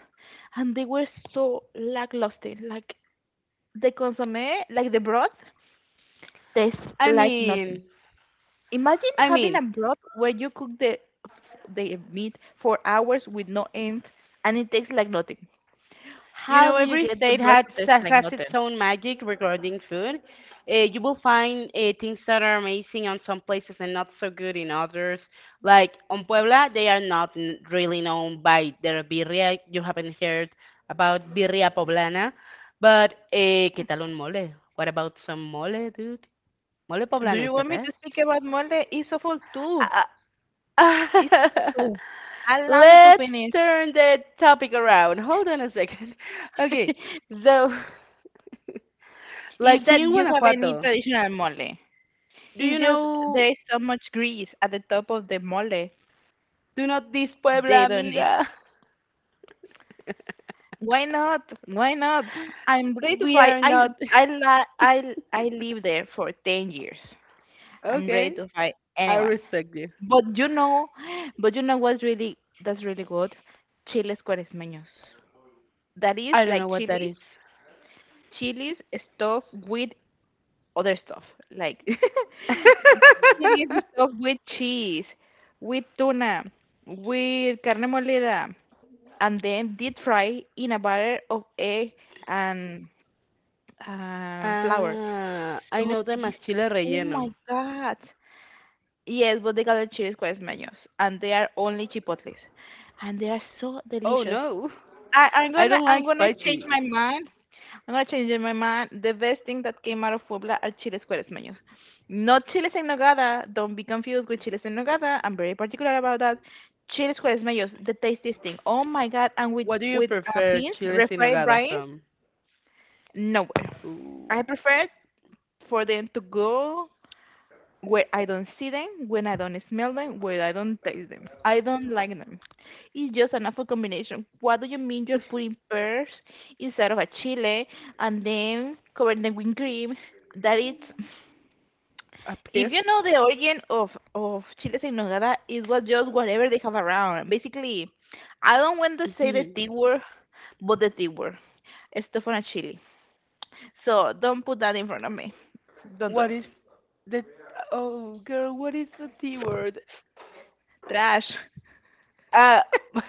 [SPEAKER 2] and they were so lackluster. Like the consomme, like the broth, tastes
[SPEAKER 1] I
[SPEAKER 2] like nothing.
[SPEAKER 1] mean,
[SPEAKER 2] Imagine
[SPEAKER 1] I
[SPEAKER 2] having
[SPEAKER 1] mean,
[SPEAKER 2] a broth where you cook the meat for hours with no end, and it tastes like nothing.
[SPEAKER 1] you
[SPEAKER 2] How
[SPEAKER 1] know,
[SPEAKER 2] do you
[SPEAKER 1] every
[SPEAKER 2] get the
[SPEAKER 1] state
[SPEAKER 2] broth to taste like
[SPEAKER 1] has its
[SPEAKER 2] nothing?
[SPEAKER 1] own magic regarding food. You will find things that are amazing on some places and not so good in others. Like on Puebla, they are not n- really known by their birria. You haven't heard about birria poblana, but eh, ¿qué tal un mole? What about some mole, dude? Mole
[SPEAKER 2] Do
[SPEAKER 1] poblano
[SPEAKER 2] you
[SPEAKER 1] is the
[SPEAKER 2] want me to
[SPEAKER 1] best.
[SPEAKER 2] speak about Molde? Isofol too.
[SPEAKER 1] Uh, uh,
[SPEAKER 2] Isofol too. Allow me to
[SPEAKER 1] let's
[SPEAKER 2] finish.
[SPEAKER 1] turn the topic around. Hold on a second. Okay, so like
[SPEAKER 2] Is that
[SPEAKER 1] here in
[SPEAKER 2] you have any
[SPEAKER 1] Guanajuato,
[SPEAKER 2] traditional mole?
[SPEAKER 1] do
[SPEAKER 2] It's
[SPEAKER 1] you
[SPEAKER 2] just
[SPEAKER 1] know
[SPEAKER 2] there is so much grease at the top of the mole.
[SPEAKER 1] do not this
[SPEAKER 2] They
[SPEAKER 1] Puebla
[SPEAKER 2] don't need.
[SPEAKER 1] amiga?
[SPEAKER 2] Why not? Why not? I'm ready to
[SPEAKER 1] we
[SPEAKER 2] fight.
[SPEAKER 1] are
[SPEAKER 2] I
[SPEAKER 1] not
[SPEAKER 2] I li- I I live there for 10 years. I'm ready
[SPEAKER 1] okay.
[SPEAKER 2] to fight
[SPEAKER 1] I
[SPEAKER 2] anyone.
[SPEAKER 1] respect you.
[SPEAKER 2] But you know, but you know what's really that's really good? Chiles cuaresmeños. That is
[SPEAKER 1] I don't know
[SPEAKER 2] like
[SPEAKER 1] what that
[SPEAKER 2] chilies
[SPEAKER 1] is.
[SPEAKER 2] Chilies stuffed with other stuff, like chilies stuffed with cheese, with tuna, with carne molida, and then deep fry in a batter of egg and flour.
[SPEAKER 1] Ah, I
[SPEAKER 2] So
[SPEAKER 1] know the más
[SPEAKER 2] tasty!
[SPEAKER 1] chile
[SPEAKER 2] Oh
[SPEAKER 1] relleno.
[SPEAKER 2] my God! Yes, but they got the chili quasmeños, and they are only chipotles, and they are so
[SPEAKER 1] Oh
[SPEAKER 2] delicious.
[SPEAKER 1] no.
[SPEAKER 2] I,
[SPEAKER 1] I don't
[SPEAKER 2] I'm
[SPEAKER 1] like
[SPEAKER 2] gonna change
[SPEAKER 1] spicy.
[SPEAKER 2] my mind I'm not changing my mind. The best thing that came out of Puebla are chiles cueresmeños. Not chiles en nogada. Don't be confused with chiles en nogada. I'm very particular about that. Chiles cueresmeños, the tastiest thing. Oh my god! And
[SPEAKER 1] What do you
[SPEAKER 2] with
[SPEAKER 1] prefer
[SPEAKER 2] beans,
[SPEAKER 1] chiles in
[SPEAKER 2] refried
[SPEAKER 1] nogada
[SPEAKER 2] beans,
[SPEAKER 1] from?
[SPEAKER 2] nowhere. I
[SPEAKER 1] Ooh,
[SPEAKER 2] prefer for them to go where I don't see them, when I don't smell them, where I don't taste them. I don't like them. It's just an awful combination. What do you mean you're putting pears inside of a chile and then covering them with cream? That is,
[SPEAKER 1] up
[SPEAKER 2] if
[SPEAKER 1] here?
[SPEAKER 2] you know the origin of chiles en nogada, it was just whatever they have around. Basically, I don't want to say the
[SPEAKER 1] Mhm.
[SPEAKER 2] T word, but the T word, stuff on a chili. So don't put that in front of me. Don't do
[SPEAKER 1] What
[SPEAKER 2] it.
[SPEAKER 1] is the oh girl, what is the T word?
[SPEAKER 2] Trash.
[SPEAKER 1] Uh.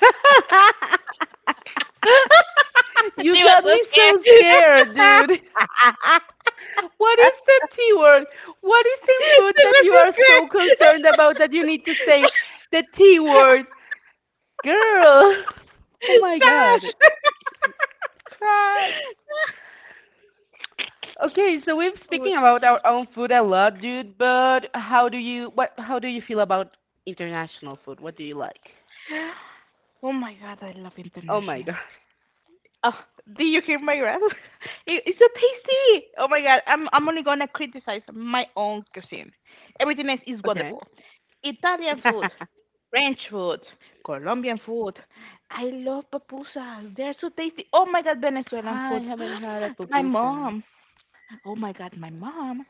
[SPEAKER 1] You
[SPEAKER 2] she was
[SPEAKER 1] got
[SPEAKER 2] so
[SPEAKER 1] me
[SPEAKER 2] scared.
[SPEAKER 1] so
[SPEAKER 2] she
[SPEAKER 1] scared, dude. What is the T word? What is in food that
[SPEAKER 2] was
[SPEAKER 1] you
[SPEAKER 2] so
[SPEAKER 1] are so
[SPEAKER 2] scared.
[SPEAKER 1] concerned about that you need to say the T word? Girl. Oh my god.
[SPEAKER 2] Josh.
[SPEAKER 1] Trash. Okay, so we've
[SPEAKER 2] Oh
[SPEAKER 1] speaking about our own food a lot, dude, but how do you feel about international food? What do you like?
[SPEAKER 2] oh my god, I love
[SPEAKER 1] Oh my
[SPEAKER 2] international.
[SPEAKER 1] god.
[SPEAKER 2] Oh, did you hear my breath? It's so tasty. Oh my god, I'm only gonna criticize my own cuisine. Everything else is
[SPEAKER 1] Okay.
[SPEAKER 2] wonderful. Italian food, French food, Colombian food. I love pupusas. They're so tasty. Oh my god, Venezuelan
[SPEAKER 1] I
[SPEAKER 2] food.
[SPEAKER 1] haven't had a
[SPEAKER 2] My
[SPEAKER 1] pupusa.
[SPEAKER 2] mom, oh my God, my mom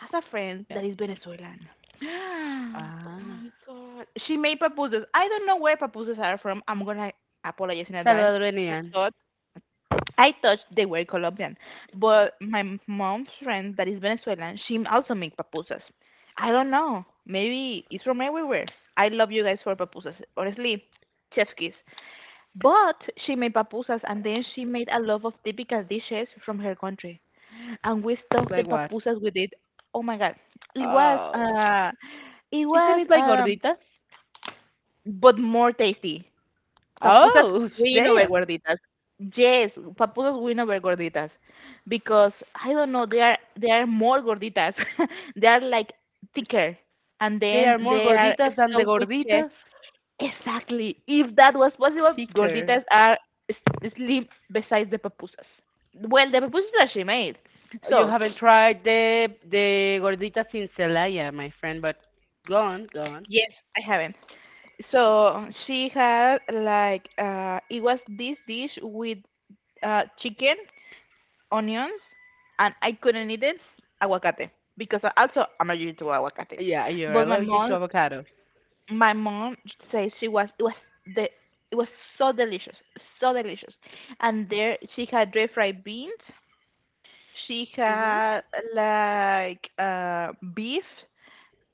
[SPEAKER 2] has a friend
[SPEAKER 1] Yeah.
[SPEAKER 2] that is Venezuelan. Oh
[SPEAKER 1] Ah.
[SPEAKER 2] my God. She made pupusas. I don't know where pupusas are from. I'm gonna apologize in advance. I
[SPEAKER 1] Salvadorian.
[SPEAKER 2] thought I thought they were Colombian, but my mom's friend that is Venezuelan, she also make pupusas. I don't know. Maybe it's from everywhere. I love you guys for pupusas. Honestly, chef's kiss. But she made pupusas and then she made a lot of typical dishes from her country and we stuffed the
[SPEAKER 1] Like what?
[SPEAKER 2] papusas with it. Oh my god, it was
[SPEAKER 1] Oh,
[SPEAKER 2] uh, it
[SPEAKER 1] isn't
[SPEAKER 2] was
[SPEAKER 1] it like gorditas?
[SPEAKER 2] but more tasty. Papusas
[SPEAKER 1] Oh,
[SPEAKER 2] win over
[SPEAKER 1] damn.
[SPEAKER 2] gorditas. Yes, papusas win over gorditas because I don't know they are more gorditas. They are like thicker, and
[SPEAKER 1] They
[SPEAKER 2] then
[SPEAKER 1] are more
[SPEAKER 2] they are
[SPEAKER 1] gorditas than the
[SPEAKER 2] stuffed with cheese.
[SPEAKER 1] gorditas.
[SPEAKER 2] Exactly. If that was possible,
[SPEAKER 1] Thicker.
[SPEAKER 2] gorditas are slim besides the papusas. Well, the papusas that she made.
[SPEAKER 1] You
[SPEAKER 2] So
[SPEAKER 1] haven't tried the gorditas in Celaya, my friend, but go on, go on.
[SPEAKER 2] yes, I haven't. So she had like it was this dish with chicken, onions, and I couldn't eat it aguacate because also I'm allergic to aguacate.
[SPEAKER 1] Yeah, you're
[SPEAKER 2] But my
[SPEAKER 1] allergic to
[SPEAKER 2] mom,
[SPEAKER 1] avocados.
[SPEAKER 2] my mom says she was it was the it was so delicious, so delicious. And there she had dry fried beans. She had
[SPEAKER 1] Hmm.
[SPEAKER 2] like beef,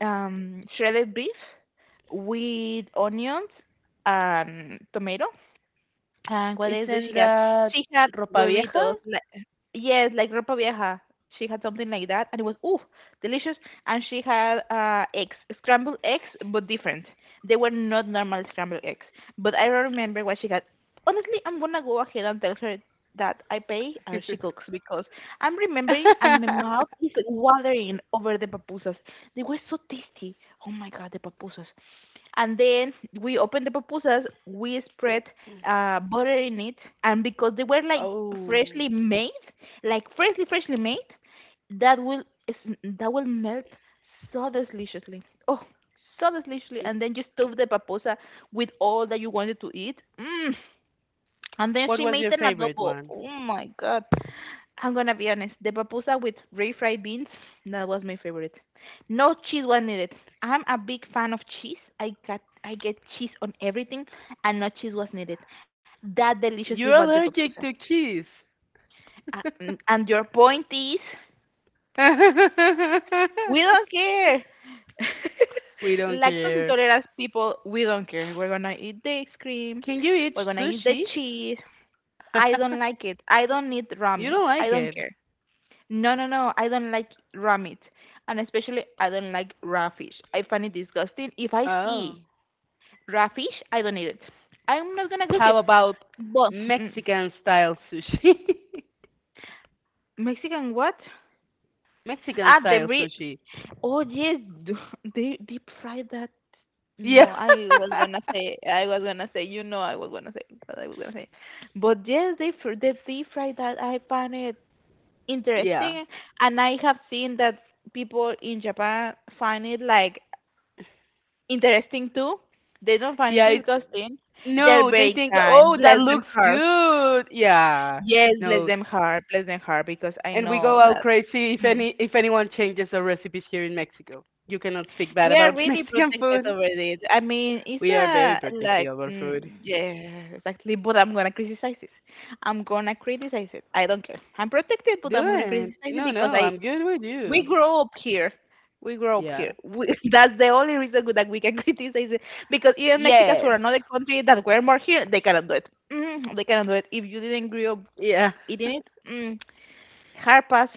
[SPEAKER 2] shredded beef with onions and tomato. And what else does she
[SPEAKER 1] Isn't
[SPEAKER 2] have?
[SPEAKER 1] that
[SPEAKER 2] She had
[SPEAKER 1] ropa vieja?
[SPEAKER 2] huevitos. Like, yes, like ropa vieja. She had something like that, and it was ooh delicious. And she had eggs, scrambled eggs, but different. They were not normal scrambled eggs. But I don't remember what she had. Honestly, I'm gonna go ahead and tell her that I pay and she cooks because I'm remembering and my mouth is watering over the papusas. They were so tasty. Oh my god, the papusas, and then we opened the pupusas, we spread butter in it, and because they were like
[SPEAKER 1] Oh,
[SPEAKER 2] freshly made, like freshly made, that that will melt so deliciously, oh, so deliciously, and then you stuff the paposa with all that you wanted to eat. Mm. And then
[SPEAKER 1] what
[SPEAKER 2] she
[SPEAKER 1] was
[SPEAKER 2] made
[SPEAKER 1] your
[SPEAKER 2] an
[SPEAKER 1] favorite
[SPEAKER 2] adobo,
[SPEAKER 1] one?
[SPEAKER 2] oh my god. I'm gonna be honest. The pupusa with refried beans, that was my favorite. No cheese was needed. I'm a big fan of cheese. I get cheese on everything, and no cheese was needed. That delicious
[SPEAKER 1] You're
[SPEAKER 2] it was the
[SPEAKER 1] allergic
[SPEAKER 2] pupusa.
[SPEAKER 1] to cheese.
[SPEAKER 2] And your point is, we don't care.
[SPEAKER 1] We don't
[SPEAKER 2] Lactose
[SPEAKER 1] care.
[SPEAKER 2] intolerant people, we don't care. We're gonna eat the ice cream.
[SPEAKER 1] Can you eat
[SPEAKER 2] We're gonna eat the
[SPEAKER 1] sushi?
[SPEAKER 2] cheese. I don't like it. I don't need raw
[SPEAKER 1] You
[SPEAKER 2] meat.
[SPEAKER 1] don't
[SPEAKER 2] I
[SPEAKER 1] like
[SPEAKER 2] don't
[SPEAKER 1] it?
[SPEAKER 2] care. No, no, no. I don't like raw meat, and especially I don't like raw fish. I find it disgusting. If I
[SPEAKER 1] Oh.
[SPEAKER 2] see raw fish, I don't eat it. I'm not gonna cook it.
[SPEAKER 1] How about
[SPEAKER 2] But mm,
[SPEAKER 1] Mexican style sushi?
[SPEAKER 2] Mexican what?
[SPEAKER 1] Mexican
[SPEAKER 2] Ah,
[SPEAKER 1] style sushi.
[SPEAKER 2] oh yes, d- they deep fry that. No,
[SPEAKER 1] Yeah.
[SPEAKER 2] I was gonna say. I was gonna say. You know, I was gonna say. But I was gonna say. But yes, they deep fry that. I find it
[SPEAKER 1] Yeah.
[SPEAKER 2] interesting, and I have seen that people in Japan find it like interesting too. They don't find it
[SPEAKER 1] Yeah.
[SPEAKER 2] disgusting. They're
[SPEAKER 1] No, they
[SPEAKER 2] very
[SPEAKER 1] think,
[SPEAKER 2] kind.
[SPEAKER 1] oh, that
[SPEAKER 2] Bless them
[SPEAKER 1] looks
[SPEAKER 2] heart.
[SPEAKER 1] good. Yeah.
[SPEAKER 2] Yes, bless
[SPEAKER 1] No.
[SPEAKER 2] them heart. Bless them heart because I
[SPEAKER 1] And we go
[SPEAKER 2] know
[SPEAKER 1] out
[SPEAKER 2] that
[SPEAKER 1] crazy if
[SPEAKER 2] mm,
[SPEAKER 1] any if anyone changes our recipes here in Mexico. You cannot speak bad
[SPEAKER 2] we are
[SPEAKER 1] about
[SPEAKER 2] really
[SPEAKER 1] Mexican
[SPEAKER 2] protected
[SPEAKER 1] food.
[SPEAKER 2] over this. I mean, it's
[SPEAKER 1] We are very
[SPEAKER 2] a like
[SPEAKER 1] protective of our food.
[SPEAKER 2] mm, yeah, exactly. But I'm gonna criticize it. I'm gonna criticize it. I don't care. I'm protected, but
[SPEAKER 1] Do
[SPEAKER 2] I'm gonna
[SPEAKER 1] it.
[SPEAKER 2] criticize it
[SPEAKER 1] No,
[SPEAKER 2] because
[SPEAKER 1] no,
[SPEAKER 2] I
[SPEAKER 1] I'm good with
[SPEAKER 2] we
[SPEAKER 1] you.
[SPEAKER 2] grow up here. We grow up
[SPEAKER 1] Yeah.
[SPEAKER 2] here. We, that's the only reason that we can criticize it. Because even Mexicans from
[SPEAKER 1] Yes.
[SPEAKER 2] another country that were more here, they cannot do it. Mm, they cannot do it. If you didn't grow up
[SPEAKER 1] Yeah.
[SPEAKER 2] eating it, mm, hard pass,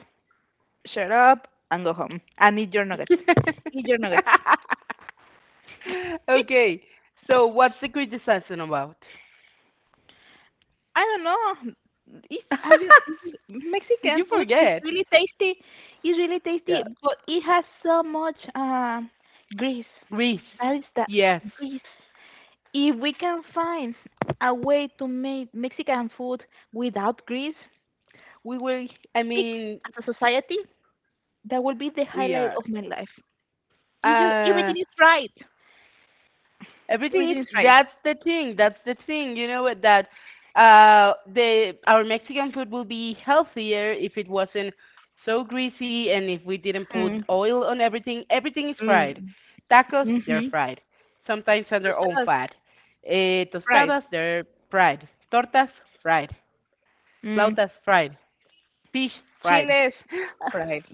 [SPEAKER 2] shut up, and go home. And eat your nuggets. Eat your nuggets.
[SPEAKER 1] Okay, so what's the criticism about?
[SPEAKER 2] I don't know. Are it's,
[SPEAKER 1] Did you
[SPEAKER 2] Mexican food is
[SPEAKER 1] forget?
[SPEAKER 2] really tasty. It's really
[SPEAKER 1] Yeah.
[SPEAKER 2] tasty, but it has so much grease.
[SPEAKER 1] Greece.
[SPEAKER 2] That is that.
[SPEAKER 1] Yes.
[SPEAKER 2] Grease. If we can find a way to make Mexican food without grease, we will
[SPEAKER 1] I
[SPEAKER 2] pick
[SPEAKER 1] mean,
[SPEAKER 2] as a society. That will be the
[SPEAKER 1] we
[SPEAKER 2] highlight
[SPEAKER 1] are.
[SPEAKER 2] of my life. You just
[SPEAKER 1] Uh,
[SPEAKER 2] everything is right.
[SPEAKER 1] Everything is
[SPEAKER 2] Everything is right.
[SPEAKER 1] that's the thing. That's the thing. You know what that the our Mexican food will be healthier if it wasn't so greasy and if we didn't put
[SPEAKER 2] Mm,
[SPEAKER 1] oil on everything. Everything is
[SPEAKER 2] mm.
[SPEAKER 1] fried. Tacos, they're
[SPEAKER 2] Mhm.
[SPEAKER 1] fried. Sometimes on their own
[SPEAKER 2] Tostadas
[SPEAKER 1] fat. Eh,
[SPEAKER 2] fried.
[SPEAKER 1] tostadas, they're fried. Tortas, fried.
[SPEAKER 2] Mm.
[SPEAKER 1] Flautas, fried. Fish, fried.
[SPEAKER 2] Chiles fried.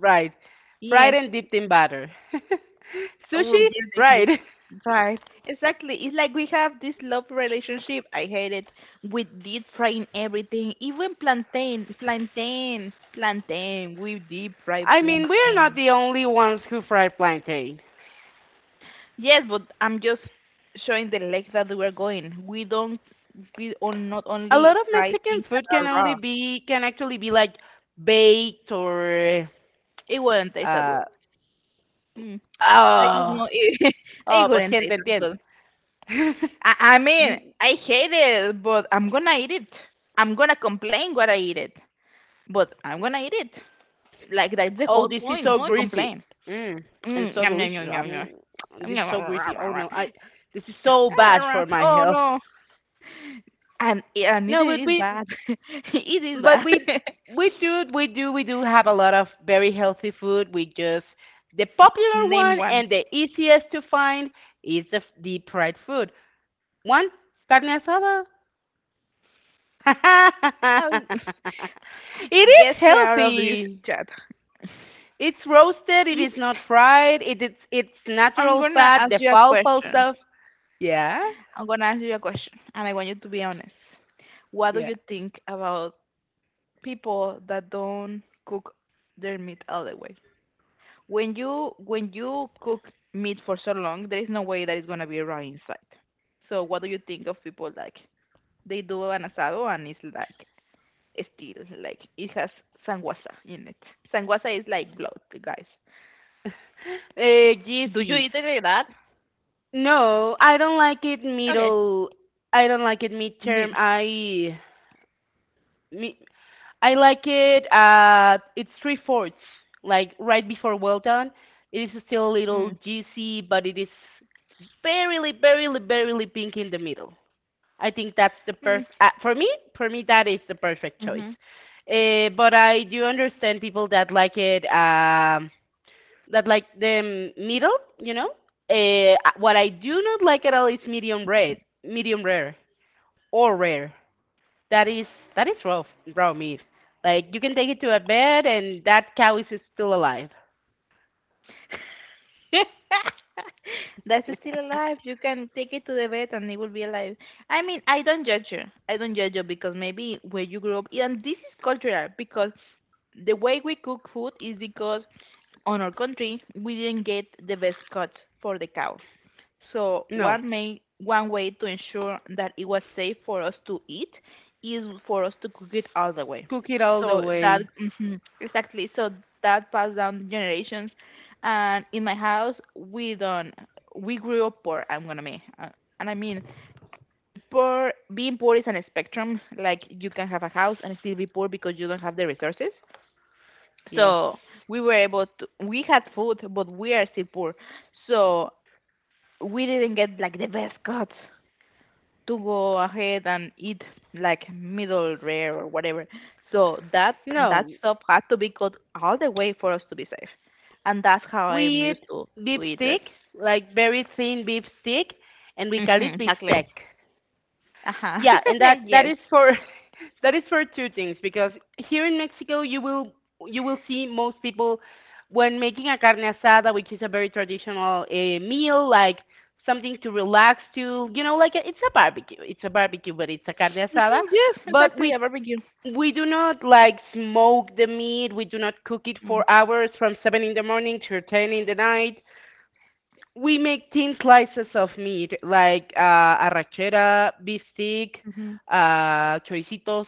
[SPEAKER 1] fried. Fried
[SPEAKER 2] Yes.
[SPEAKER 1] and dipped in batter.
[SPEAKER 2] Oh,
[SPEAKER 1] Sushi,
[SPEAKER 2] yes, I see.
[SPEAKER 1] fried.
[SPEAKER 2] Right. Exactly. It's like we have this love relationship. I hate it. We deep frying everything, even plantain, plantain, plantain. We deep fry
[SPEAKER 1] I mean, we are not
[SPEAKER 2] plantain.
[SPEAKER 1] the only ones who fry plantain.
[SPEAKER 2] Yes, but I'm just showing the leg that we're going. We on not
[SPEAKER 1] A
[SPEAKER 2] only
[SPEAKER 1] lot of
[SPEAKER 2] fry
[SPEAKER 1] Mexican
[SPEAKER 2] things
[SPEAKER 1] food
[SPEAKER 2] that
[SPEAKER 1] can
[SPEAKER 2] are
[SPEAKER 1] only
[SPEAKER 2] raw.
[SPEAKER 1] be can actually be like baked or
[SPEAKER 2] It wouldn't taste that
[SPEAKER 1] uh
[SPEAKER 2] good. Mm. I just
[SPEAKER 1] oh
[SPEAKER 2] know it. It
[SPEAKER 1] oh pues
[SPEAKER 2] wouldn't
[SPEAKER 1] quien te
[SPEAKER 2] taste as
[SPEAKER 1] entiende.
[SPEAKER 2] good. I mean,
[SPEAKER 1] Mm,
[SPEAKER 2] I hate it, but I'm gonna eat it. I'm gonna complain when I eat it. But I'm gonna eat it. Like that's the
[SPEAKER 1] oh,
[SPEAKER 2] whole
[SPEAKER 1] this is
[SPEAKER 2] point
[SPEAKER 1] so
[SPEAKER 2] to
[SPEAKER 1] greasy.
[SPEAKER 2] complain.
[SPEAKER 1] Mm, and
[SPEAKER 2] Mm,
[SPEAKER 1] so
[SPEAKER 2] yum, yum,
[SPEAKER 1] delicious.
[SPEAKER 2] yum, yum, yum. Yum,
[SPEAKER 1] This is
[SPEAKER 2] yum,
[SPEAKER 1] so
[SPEAKER 2] rah, rah,
[SPEAKER 1] greasy. Oh
[SPEAKER 2] rah, rah.
[SPEAKER 1] no, I this is
[SPEAKER 2] Rah,
[SPEAKER 1] so bad
[SPEAKER 2] rah, rah.
[SPEAKER 1] for my
[SPEAKER 2] Oh
[SPEAKER 1] health.
[SPEAKER 2] no. And yeah, and it
[SPEAKER 1] No,
[SPEAKER 2] is bad. It is
[SPEAKER 1] but
[SPEAKER 2] bad.
[SPEAKER 1] we do we do have a lot of very healthy food. We just the popular
[SPEAKER 2] Name
[SPEAKER 1] one
[SPEAKER 2] one.
[SPEAKER 1] and the easiest to find is the deep fried food. One carne asada.
[SPEAKER 2] How
[SPEAKER 1] it
[SPEAKER 2] get
[SPEAKER 1] is
[SPEAKER 2] me out of this
[SPEAKER 1] healthy.
[SPEAKER 2] chat.
[SPEAKER 1] It's roasted. It
[SPEAKER 2] Is
[SPEAKER 1] is not fried. It is it's
[SPEAKER 2] I'm
[SPEAKER 1] natural
[SPEAKER 2] gonna
[SPEAKER 1] fat.
[SPEAKER 2] ask
[SPEAKER 1] The
[SPEAKER 2] you a
[SPEAKER 1] falafel
[SPEAKER 2] question.
[SPEAKER 1] stuff. Yeah,
[SPEAKER 2] I'm gonna ask you a question and I want you to be honest. What do
[SPEAKER 1] yeah.
[SPEAKER 2] you think about people that don't cook their meat all the way? When you cook meat for so long, there is no way that it's gonna be raw inside. So what do you think of people like they do an asado and it's like still like it has sanguasa in it. Sanguasa is like blood, guys. Do you
[SPEAKER 1] Juicy.
[SPEAKER 2] eat it like that?
[SPEAKER 1] No, I don't like it
[SPEAKER 2] Okay.
[SPEAKER 1] middle. I don't like it midterm.
[SPEAKER 2] Meat.
[SPEAKER 1] Me, I like it. It's three fourths, like right before well done. It is still a little
[SPEAKER 2] Mm.
[SPEAKER 1] juicy, but it is barely pink in the middle. I think that's the
[SPEAKER 2] Mm.
[SPEAKER 1] perfect for me. For me, that is the perfect choice.
[SPEAKER 2] Hmm.
[SPEAKER 1] But I do understand people that like it, that like the middle. You know, what I do not like at all is medium red, medium rare, or rare. That is that is raw meat. Like you can take it to a bed and that cow is still alive.
[SPEAKER 2] That's still alive. You can take it to the vet and it will be alive. I mean, I don't judge you. I don't judge you because maybe where you grew up, and this is cultural because the way we cook food is because on our country we didn't get the best cuts for the cow. So
[SPEAKER 1] No,
[SPEAKER 2] one way to ensure that it was safe for us to eat is for us to cook it all the way.
[SPEAKER 1] cook it all the
[SPEAKER 2] So that
[SPEAKER 1] way.
[SPEAKER 2] mhm, exactly. So that passed down the generations, and in my house we don't we grew up poor. I'm gonna mean, and I mean poor. Being poor is an spectrum. Like you can have a house and still be poor because you don't have the resources.
[SPEAKER 1] Yes.
[SPEAKER 2] So we were able to we had food, but we are still poor. So we didn't get like the best cuts to go ahead and eat like middle rare or whatever. So that
[SPEAKER 1] No,
[SPEAKER 2] stuff had to be cut all the way for us to be safe, and that's how
[SPEAKER 1] we
[SPEAKER 2] I'm used
[SPEAKER 1] eat beef
[SPEAKER 2] to eat it.
[SPEAKER 1] stick, like very thin beef stick, and we call
[SPEAKER 2] Mm-hmm,
[SPEAKER 1] it beef
[SPEAKER 2] exactly.
[SPEAKER 1] steak.
[SPEAKER 2] Uh-huh.
[SPEAKER 1] Yeah, and that that
[SPEAKER 2] Yes.
[SPEAKER 1] is for, that is for two things, because here in Mexico you will see most people when making a carne asada, which is a very traditional meal, like something to relax to, you know, like it's a barbecue. It's a barbecue, but it's a carne asada.
[SPEAKER 2] Hmm, yes,
[SPEAKER 1] But
[SPEAKER 2] exactly.
[SPEAKER 1] we
[SPEAKER 2] A barbecue.
[SPEAKER 1] we do not like smoke the meat. We do not cook it for hours from seven in the morning to ten in the night. We make thin slices of meat like arrachera, beefsteak,
[SPEAKER 2] Mm-hmm.
[SPEAKER 1] choricitos,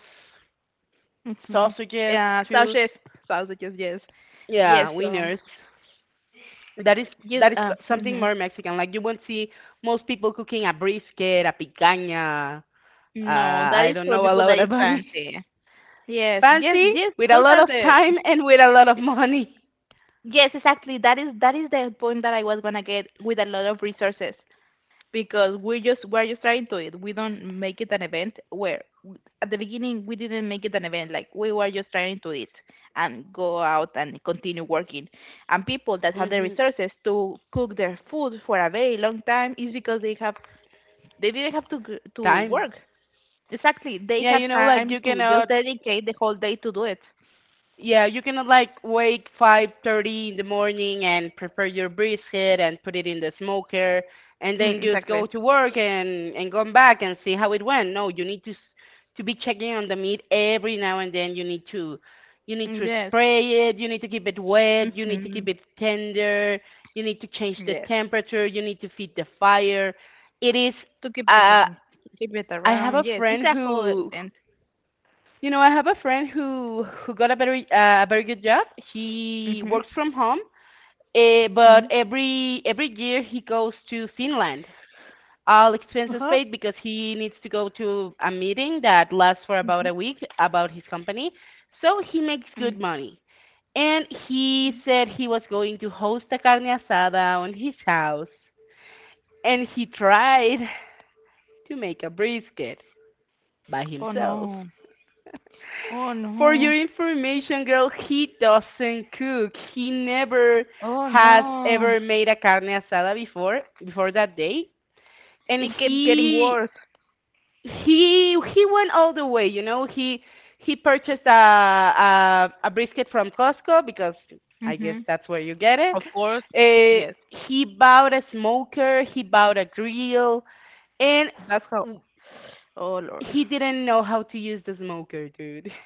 [SPEAKER 2] Mm-hmm.
[SPEAKER 1] sausages
[SPEAKER 2] Yeah,
[SPEAKER 1] too.
[SPEAKER 2] sausages, sausages. Yes. Yes.
[SPEAKER 1] Yeah, wieners. That is
[SPEAKER 2] Yes.
[SPEAKER 1] that is something
[SPEAKER 2] Hmm.
[SPEAKER 1] more Mexican. Like you won't see most people cooking a brisket, a picanha.
[SPEAKER 2] No, that
[SPEAKER 1] I
[SPEAKER 2] is
[SPEAKER 1] don't
[SPEAKER 2] for
[SPEAKER 1] know a
[SPEAKER 2] people that
[SPEAKER 1] lot
[SPEAKER 2] is
[SPEAKER 1] about it.
[SPEAKER 2] fancy. Yes. Yes.
[SPEAKER 1] Fancy,
[SPEAKER 2] Yes.
[SPEAKER 1] with a
[SPEAKER 2] Those
[SPEAKER 1] lot
[SPEAKER 2] are
[SPEAKER 1] of
[SPEAKER 2] the
[SPEAKER 1] time and with a lot of money.
[SPEAKER 2] yes, exactly. That is the point that I was gonna get with a lot of resources because we're just trying to it. We don't make it an event where w- at the beginning we didn't make it an event. Like we were just trying to it and go out and continue working. And people that have the
[SPEAKER 1] Hmm
[SPEAKER 2] resources to cook their food for a very long time is because they have they didn't have to to
[SPEAKER 1] Time.
[SPEAKER 2] work. Exactly, they
[SPEAKER 1] Yeah,
[SPEAKER 2] had
[SPEAKER 1] you know,
[SPEAKER 2] time
[SPEAKER 1] like you
[SPEAKER 2] to just
[SPEAKER 1] cannot.
[SPEAKER 2] dedicate the whole day to do it.
[SPEAKER 1] Yeah, you can like wake 5:30 in the morning and prepare your brisket and put it in the smoker, and
[SPEAKER 2] Mm,
[SPEAKER 1] then just
[SPEAKER 2] exactly.
[SPEAKER 1] go to work and come back and see how it went. No, you need to to be checking on the meat every now and then. You need
[SPEAKER 2] Mm,
[SPEAKER 1] to
[SPEAKER 2] yes.
[SPEAKER 1] spray it, you need to keep it wet, you need to
[SPEAKER 2] Hmm.
[SPEAKER 1] keep it tender, you need to change the
[SPEAKER 2] Yes.
[SPEAKER 1] temperature, you need to feed the fire. It is
[SPEAKER 2] To keep the from
[SPEAKER 1] uh
[SPEAKER 2] keep it
[SPEAKER 1] I have
[SPEAKER 2] around,
[SPEAKER 1] a
[SPEAKER 2] yes, it's
[SPEAKER 1] friend
[SPEAKER 2] a whole
[SPEAKER 1] who,
[SPEAKER 2] event.
[SPEAKER 1] who got a very good job. He
[SPEAKER 2] Mhm,
[SPEAKER 1] works from home,
[SPEAKER 2] mm,
[SPEAKER 1] but every year he goes to Finland. All expenses
[SPEAKER 2] uh-huh.
[SPEAKER 1] paid because he needs to go to a meeting that lasts for
[SPEAKER 2] Mhm,
[SPEAKER 1] about a week about his company. So he makes
[SPEAKER 2] mm.
[SPEAKER 1] good money. And he said he was going to host a carne asada on his house, and he tried to make a brisket by
[SPEAKER 2] Oh
[SPEAKER 1] himself.
[SPEAKER 2] no, oh
[SPEAKER 1] For
[SPEAKER 2] no,
[SPEAKER 1] your information, girl, he doesn't cook. He never
[SPEAKER 2] oh
[SPEAKER 1] has
[SPEAKER 2] no,
[SPEAKER 1] ever made a carne asada before that day, and
[SPEAKER 2] it keeps getting
[SPEAKER 1] he
[SPEAKER 2] worse.
[SPEAKER 1] he he went all the way. You know, he purchased a brisket from Costco, because I guess
[SPEAKER 2] Mhm,
[SPEAKER 1] that's where you get it.
[SPEAKER 2] of course,
[SPEAKER 1] Uh,
[SPEAKER 2] yes,
[SPEAKER 1] he bought a smoker. He bought a grill, and
[SPEAKER 2] that's how. Oh Lord,
[SPEAKER 1] he didn't know how to use the smoker, dude.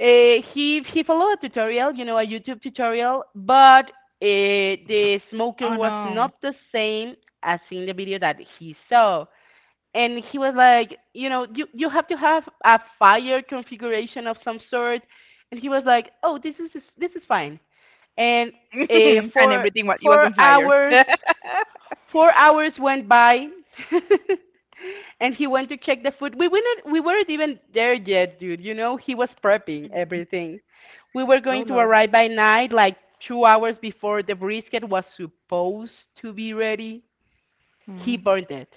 [SPEAKER 1] He followed a tutorial, you know, a YouTube tutorial, but the smoker
[SPEAKER 2] oh
[SPEAKER 1] was
[SPEAKER 2] no,
[SPEAKER 1] not the same as in the video that he saw. And he was like, you know, you have to have a fire configuration of some sort. And he was like, oh, this is fine. And uh,
[SPEAKER 2] and
[SPEAKER 1] for
[SPEAKER 2] everything was it was
[SPEAKER 1] four
[SPEAKER 2] on fire.
[SPEAKER 1] hours 4 hours went by, and he went to check the food. We weren't even there yet, dude. You know, he was prepping everything. We were
[SPEAKER 2] Oh
[SPEAKER 1] going to
[SPEAKER 2] Lord,
[SPEAKER 1] arrive by night, like 2 hours before the brisket was supposed to be ready. He
[SPEAKER 2] mm.
[SPEAKER 1] burned it.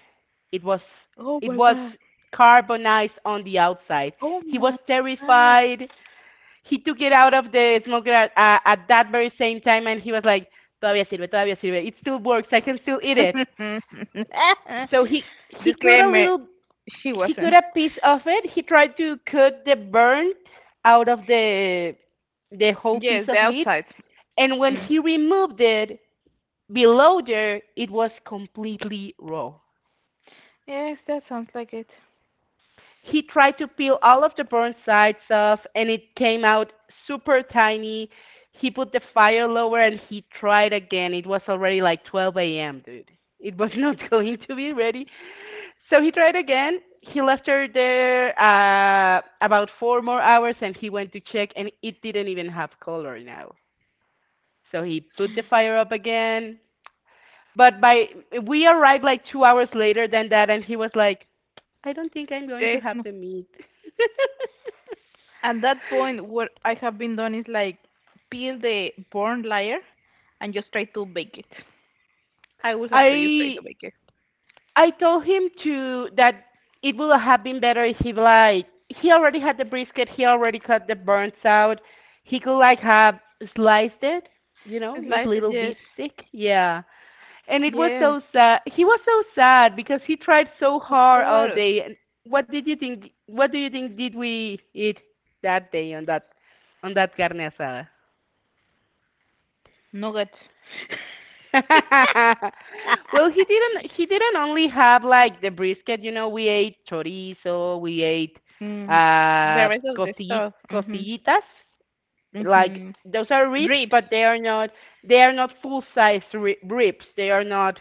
[SPEAKER 1] It was
[SPEAKER 2] Oh
[SPEAKER 1] it
[SPEAKER 2] my
[SPEAKER 1] was
[SPEAKER 2] god.
[SPEAKER 1] carbonized on the outside.
[SPEAKER 2] Oh
[SPEAKER 1] He was
[SPEAKER 2] my God.
[SPEAKER 1] terrified. He took it out of the smoker at that very same time, and he was like, "Todavía sirve, todavía sirve. It still works. I can still eat it." So he cut a
[SPEAKER 2] Disclaimer:
[SPEAKER 1] little.
[SPEAKER 2] she
[SPEAKER 1] He cut
[SPEAKER 2] wasn't.
[SPEAKER 1] a piece of it. He tried to cut the burn out of the whole piece
[SPEAKER 2] Yes, the
[SPEAKER 1] of meat,
[SPEAKER 2] outside.
[SPEAKER 1] and when
[SPEAKER 2] Mm.
[SPEAKER 1] he removed it, below there, it was completely raw.
[SPEAKER 2] Yes, that sounds like it.
[SPEAKER 1] He tried to peel all of the burnt sides off, and it came out super tiny. He put the fire lower, and he tried again. It was already like 12 a.m., dude. It was not going to be ready. So he tried again. He left her there, about four more hours, and he went to check and it didn't even have color now. So he put the fire up again. But by we arrived like 2 hours later than that, and he was like, I don't think I'm going to
[SPEAKER 2] There's
[SPEAKER 1] have
[SPEAKER 2] no,
[SPEAKER 1] the meat.
[SPEAKER 2] at that point, what I have been done is like peel the burnt layer and just try to bake it. I will have to just try
[SPEAKER 1] I
[SPEAKER 2] to bake it.
[SPEAKER 1] I told him to that it would have been better if he like, he already had the brisket, he already cut the burns out. He could like have sliced it, you know, make
[SPEAKER 2] Slice it,
[SPEAKER 1] little
[SPEAKER 2] yes,
[SPEAKER 1] beef stick. Yeah. And it was
[SPEAKER 2] yes,
[SPEAKER 1] so sad. He was so sad because he tried so
[SPEAKER 2] of
[SPEAKER 1] hard all
[SPEAKER 2] course.
[SPEAKER 1] day. And what did you think, what do you think did we eat that day on that carne asada?
[SPEAKER 2] Nuggets.
[SPEAKER 1] Well, he didn't only have like the brisket, you know, we ate chorizo, we ate
[SPEAKER 2] Mm. The
[SPEAKER 1] uh
[SPEAKER 2] rest of the stuff. Mm-hmm.
[SPEAKER 1] costillitas, like
[SPEAKER 2] Mm-hmm.
[SPEAKER 1] those are ribs,
[SPEAKER 2] Ribs,
[SPEAKER 1] but they are not full size ri ribs. They are not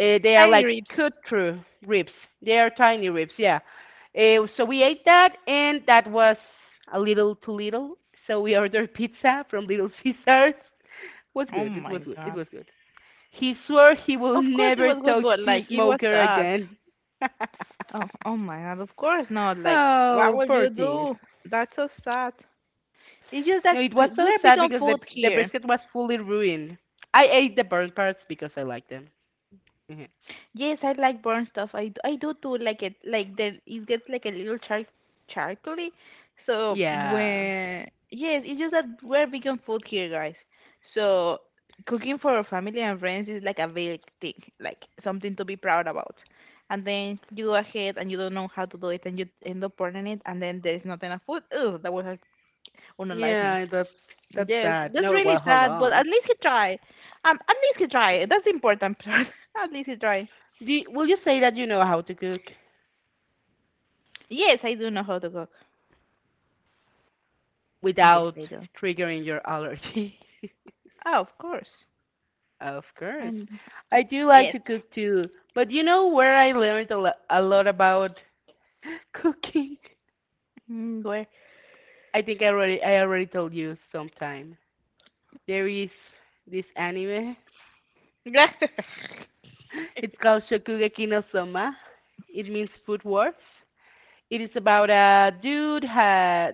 [SPEAKER 1] they are
[SPEAKER 2] tiny
[SPEAKER 1] like
[SPEAKER 2] ribs.
[SPEAKER 1] cut through ribs. They are tiny ribs, yeah. So we ate that and that was a little too little. So we ordered pizza from Little Caesars. Was
[SPEAKER 2] Oh
[SPEAKER 1] good. It was
[SPEAKER 2] my
[SPEAKER 1] good. It
[SPEAKER 2] god.
[SPEAKER 1] was good. He swore he will
[SPEAKER 2] Of course it
[SPEAKER 1] never
[SPEAKER 2] was good,
[SPEAKER 1] touch
[SPEAKER 2] but
[SPEAKER 1] the
[SPEAKER 2] like it was
[SPEAKER 1] smoker
[SPEAKER 2] sad.
[SPEAKER 1] again.
[SPEAKER 2] Oh, oh my god. Of course not. Like, what
[SPEAKER 1] Oh,
[SPEAKER 2] will
[SPEAKER 1] poor
[SPEAKER 2] you
[SPEAKER 1] thing.
[SPEAKER 2] do? That's so sad. It's just
[SPEAKER 1] No,
[SPEAKER 2] that
[SPEAKER 1] it was so
[SPEAKER 2] we're big
[SPEAKER 1] sad
[SPEAKER 2] on
[SPEAKER 1] because
[SPEAKER 2] food
[SPEAKER 1] the
[SPEAKER 2] here.
[SPEAKER 1] brisket was fully ruined. I ate the burnt parts because I like them. Mhm.
[SPEAKER 2] Yes, I like burnt stuff. I do too like it. Like the it gets like a little char charcoaly. So
[SPEAKER 1] Yeah.
[SPEAKER 2] when yes, it's just that we're big on food here, guys. So cooking for our family and friends is like a big thing, like something to be proud about. And then you go ahead and you don't know how to do it, and you end up burning it, and then there's not enough food. Ugh, that was a, un life.
[SPEAKER 1] Yeah, that's that's
[SPEAKER 2] Yes,
[SPEAKER 1] sad.
[SPEAKER 2] that's
[SPEAKER 1] No, well,
[SPEAKER 2] really
[SPEAKER 1] hold
[SPEAKER 2] sad, but
[SPEAKER 1] on.
[SPEAKER 2] at least he tried. At least he tried. That's the important part. At least he tried.
[SPEAKER 1] Do you, will you say that you know how to cook
[SPEAKER 2] Yes, I do know how to cook. Yes,
[SPEAKER 1] without
[SPEAKER 2] I do.
[SPEAKER 1] triggering your allergy?
[SPEAKER 2] Oh, of course.
[SPEAKER 1] Of
[SPEAKER 2] I
[SPEAKER 1] course.
[SPEAKER 2] know.
[SPEAKER 1] I do like
[SPEAKER 2] Yes.
[SPEAKER 1] to cook too, but you know where I learned a lot about cooking?
[SPEAKER 2] Mm, where?
[SPEAKER 1] I think I already told you sometime. There is this anime. It's called Shokugeki no Soma. It means food wars. It is about a dude ha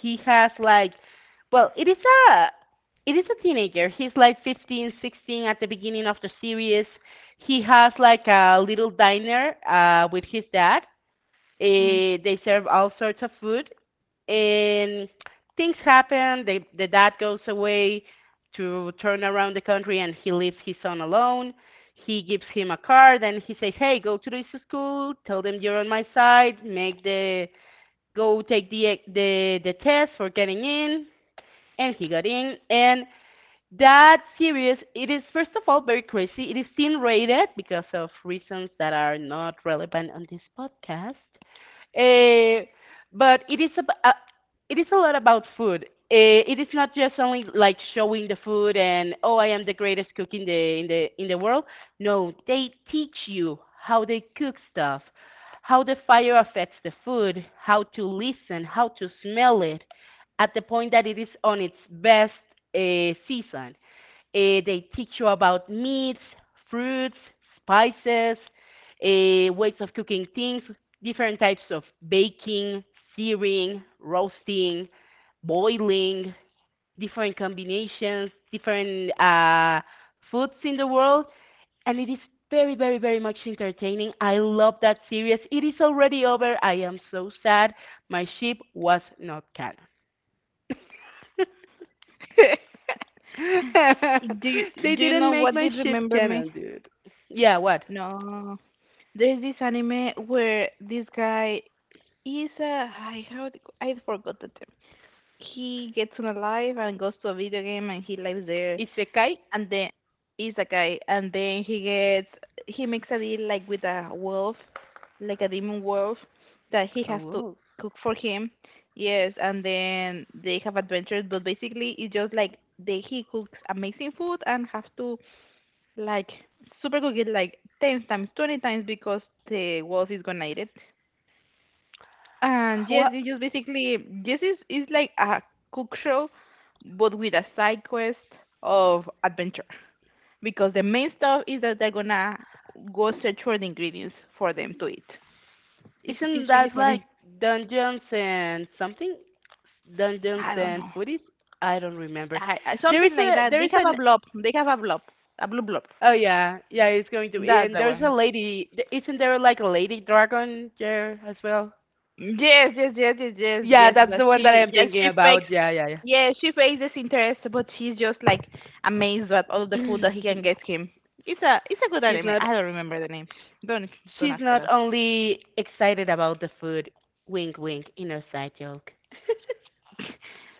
[SPEAKER 1] he has like well, a it is a teenager. He's like 15, 16 at the beginning of the series. He has like a little diner with his dad.
[SPEAKER 2] Mm.
[SPEAKER 1] Eh, they serve all sorts of food, and things happen. They, the dad goes away to turn around the country, and he leaves his son alone. He gives him a card, and he says, "Hey, go to this school. Tell them you're on my side. Make the go take the the test for getting in." And he got in, and that series, it is first of all very crazy. It is teen rated because of reasons that are not relevant on this podcast. Uh, but it is a lot about food. It is not just only like showing the food and oh, I am the greatest cook in the world. No, they teach you how they cook stuff, how the fire affects the food, how to listen, how to smell it, at the point that it is on its best season. They teach you about meats, fruits, spices, ways of cooking things, different types of baking, searing, roasting, boiling, different combinations, different foods in the world. And it is very, very, very much entertaining. I love that series. It is already over. I am so sad. My ship was not canon.
[SPEAKER 2] do you,
[SPEAKER 1] They
[SPEAKER 2] Do you
[SPEAKER 1] didn't
[SPEAKER 2] know
[SPEAKER 1] make
[SPEAKER 2] what
[SPEAKER 1] my
[SPEAKER 2] did
[SPEAKER 1] ship
[SPEAKER 2] remember me?
[SPEAKER 1] canon, dude. Yeah, what?
[SPEAKER 2] No. There's this anime where this guy is a I how it- I forgot the term. He gets on a life and goes to a video game and he lives there,
[SPEAKER 1] Isekai?
[SPEAKER 2] and then it's a guy, and then he gets he makes a deal like with a wolf, like a demon wolf, that he has to
[SPEAKER 1] Oh.
[SPEAKER 2] cook for him. Yes, and then they have adventures, but basically it's just like they he cooks amazing food and have to like super cook it like ten times, 20 times because the wolf is gonna eat it. And yes,
[SPEAKER 1] What?
[SPEAKER 2] it's just basically this is like a cook show, but with a side quest of adventure because the main stuff is that they're gonna go search for the ingredients for them to eat. It's
[SPEAKER 1] Isn't
[SPEAKER 2] it's really
[SPEAKER 1] that like
[SPEAKER 2] funny.
[SPEAKER 1] Dungeons and something? Dungeons
[SPEAKER 2] I don't
[SPEAKER 1] and
[SPEAKER 2] know.
[SPEAKER 1] Footies? I don't remember.
[SPEAKER 2] I
[SPEAKER 1] There is
[SPEAKER 2] something like
[SPEAKER 1] a
[SPEAKER 2] that.
[SPEAKER 1] there
[SPEAKER 2] They
[SPEAKER 1] is
[SPEAKER 2] have a
[SPEAKER 1] an
[SPEAKER 2] blob. They have a blob. A blue blob.
[SPEAKER 1] oh yeah yeah it's going to be,
[SPEAKER 2] That's
[SPEAKER 1] and
[SPEAKER 2] the
[SPEAKER 1] there's a
[SPEAKER 2] one.
[SPEAKER 1] lady isn't there like a lady dragon there as well?
[SPEAKER 2] Yes, yes, yes, yes, yes,
[SPEAKER 1] Yeah,
[SPEAKER 2] yes.
[SPEAKER 1] that's
[SPEAKER 2] But
[SPEAKER 1] the one that
[SPEAKER 2] she
[SPEAKER 1] I'm
[SPEAKER 2] yes
[SPEAKER 1] thinking
[SPEAKER 2] she fakes
[SPEAKER 1] about. Yeah, yeah,
[SPEAKER 2] yeah, she fakes disinterest but she's just like amazed at all the food
[SPEAKER 1] yeah.
[SPEAKER 2] that he can get him. It's a good
[SPEAKER 1] She's
[SPEAKER 2] anime.
[SPEAKER 1] not
[SPEAKER 2] I don't remember the name. Don't don't
[SPEAKER 1] she's
[SPEAKER 2] ask me
[SPEAKER 1] not
[SPEAKER 2] that.
[SPEAKER 1] only excited about the food. Wink, wink. Inner side joke.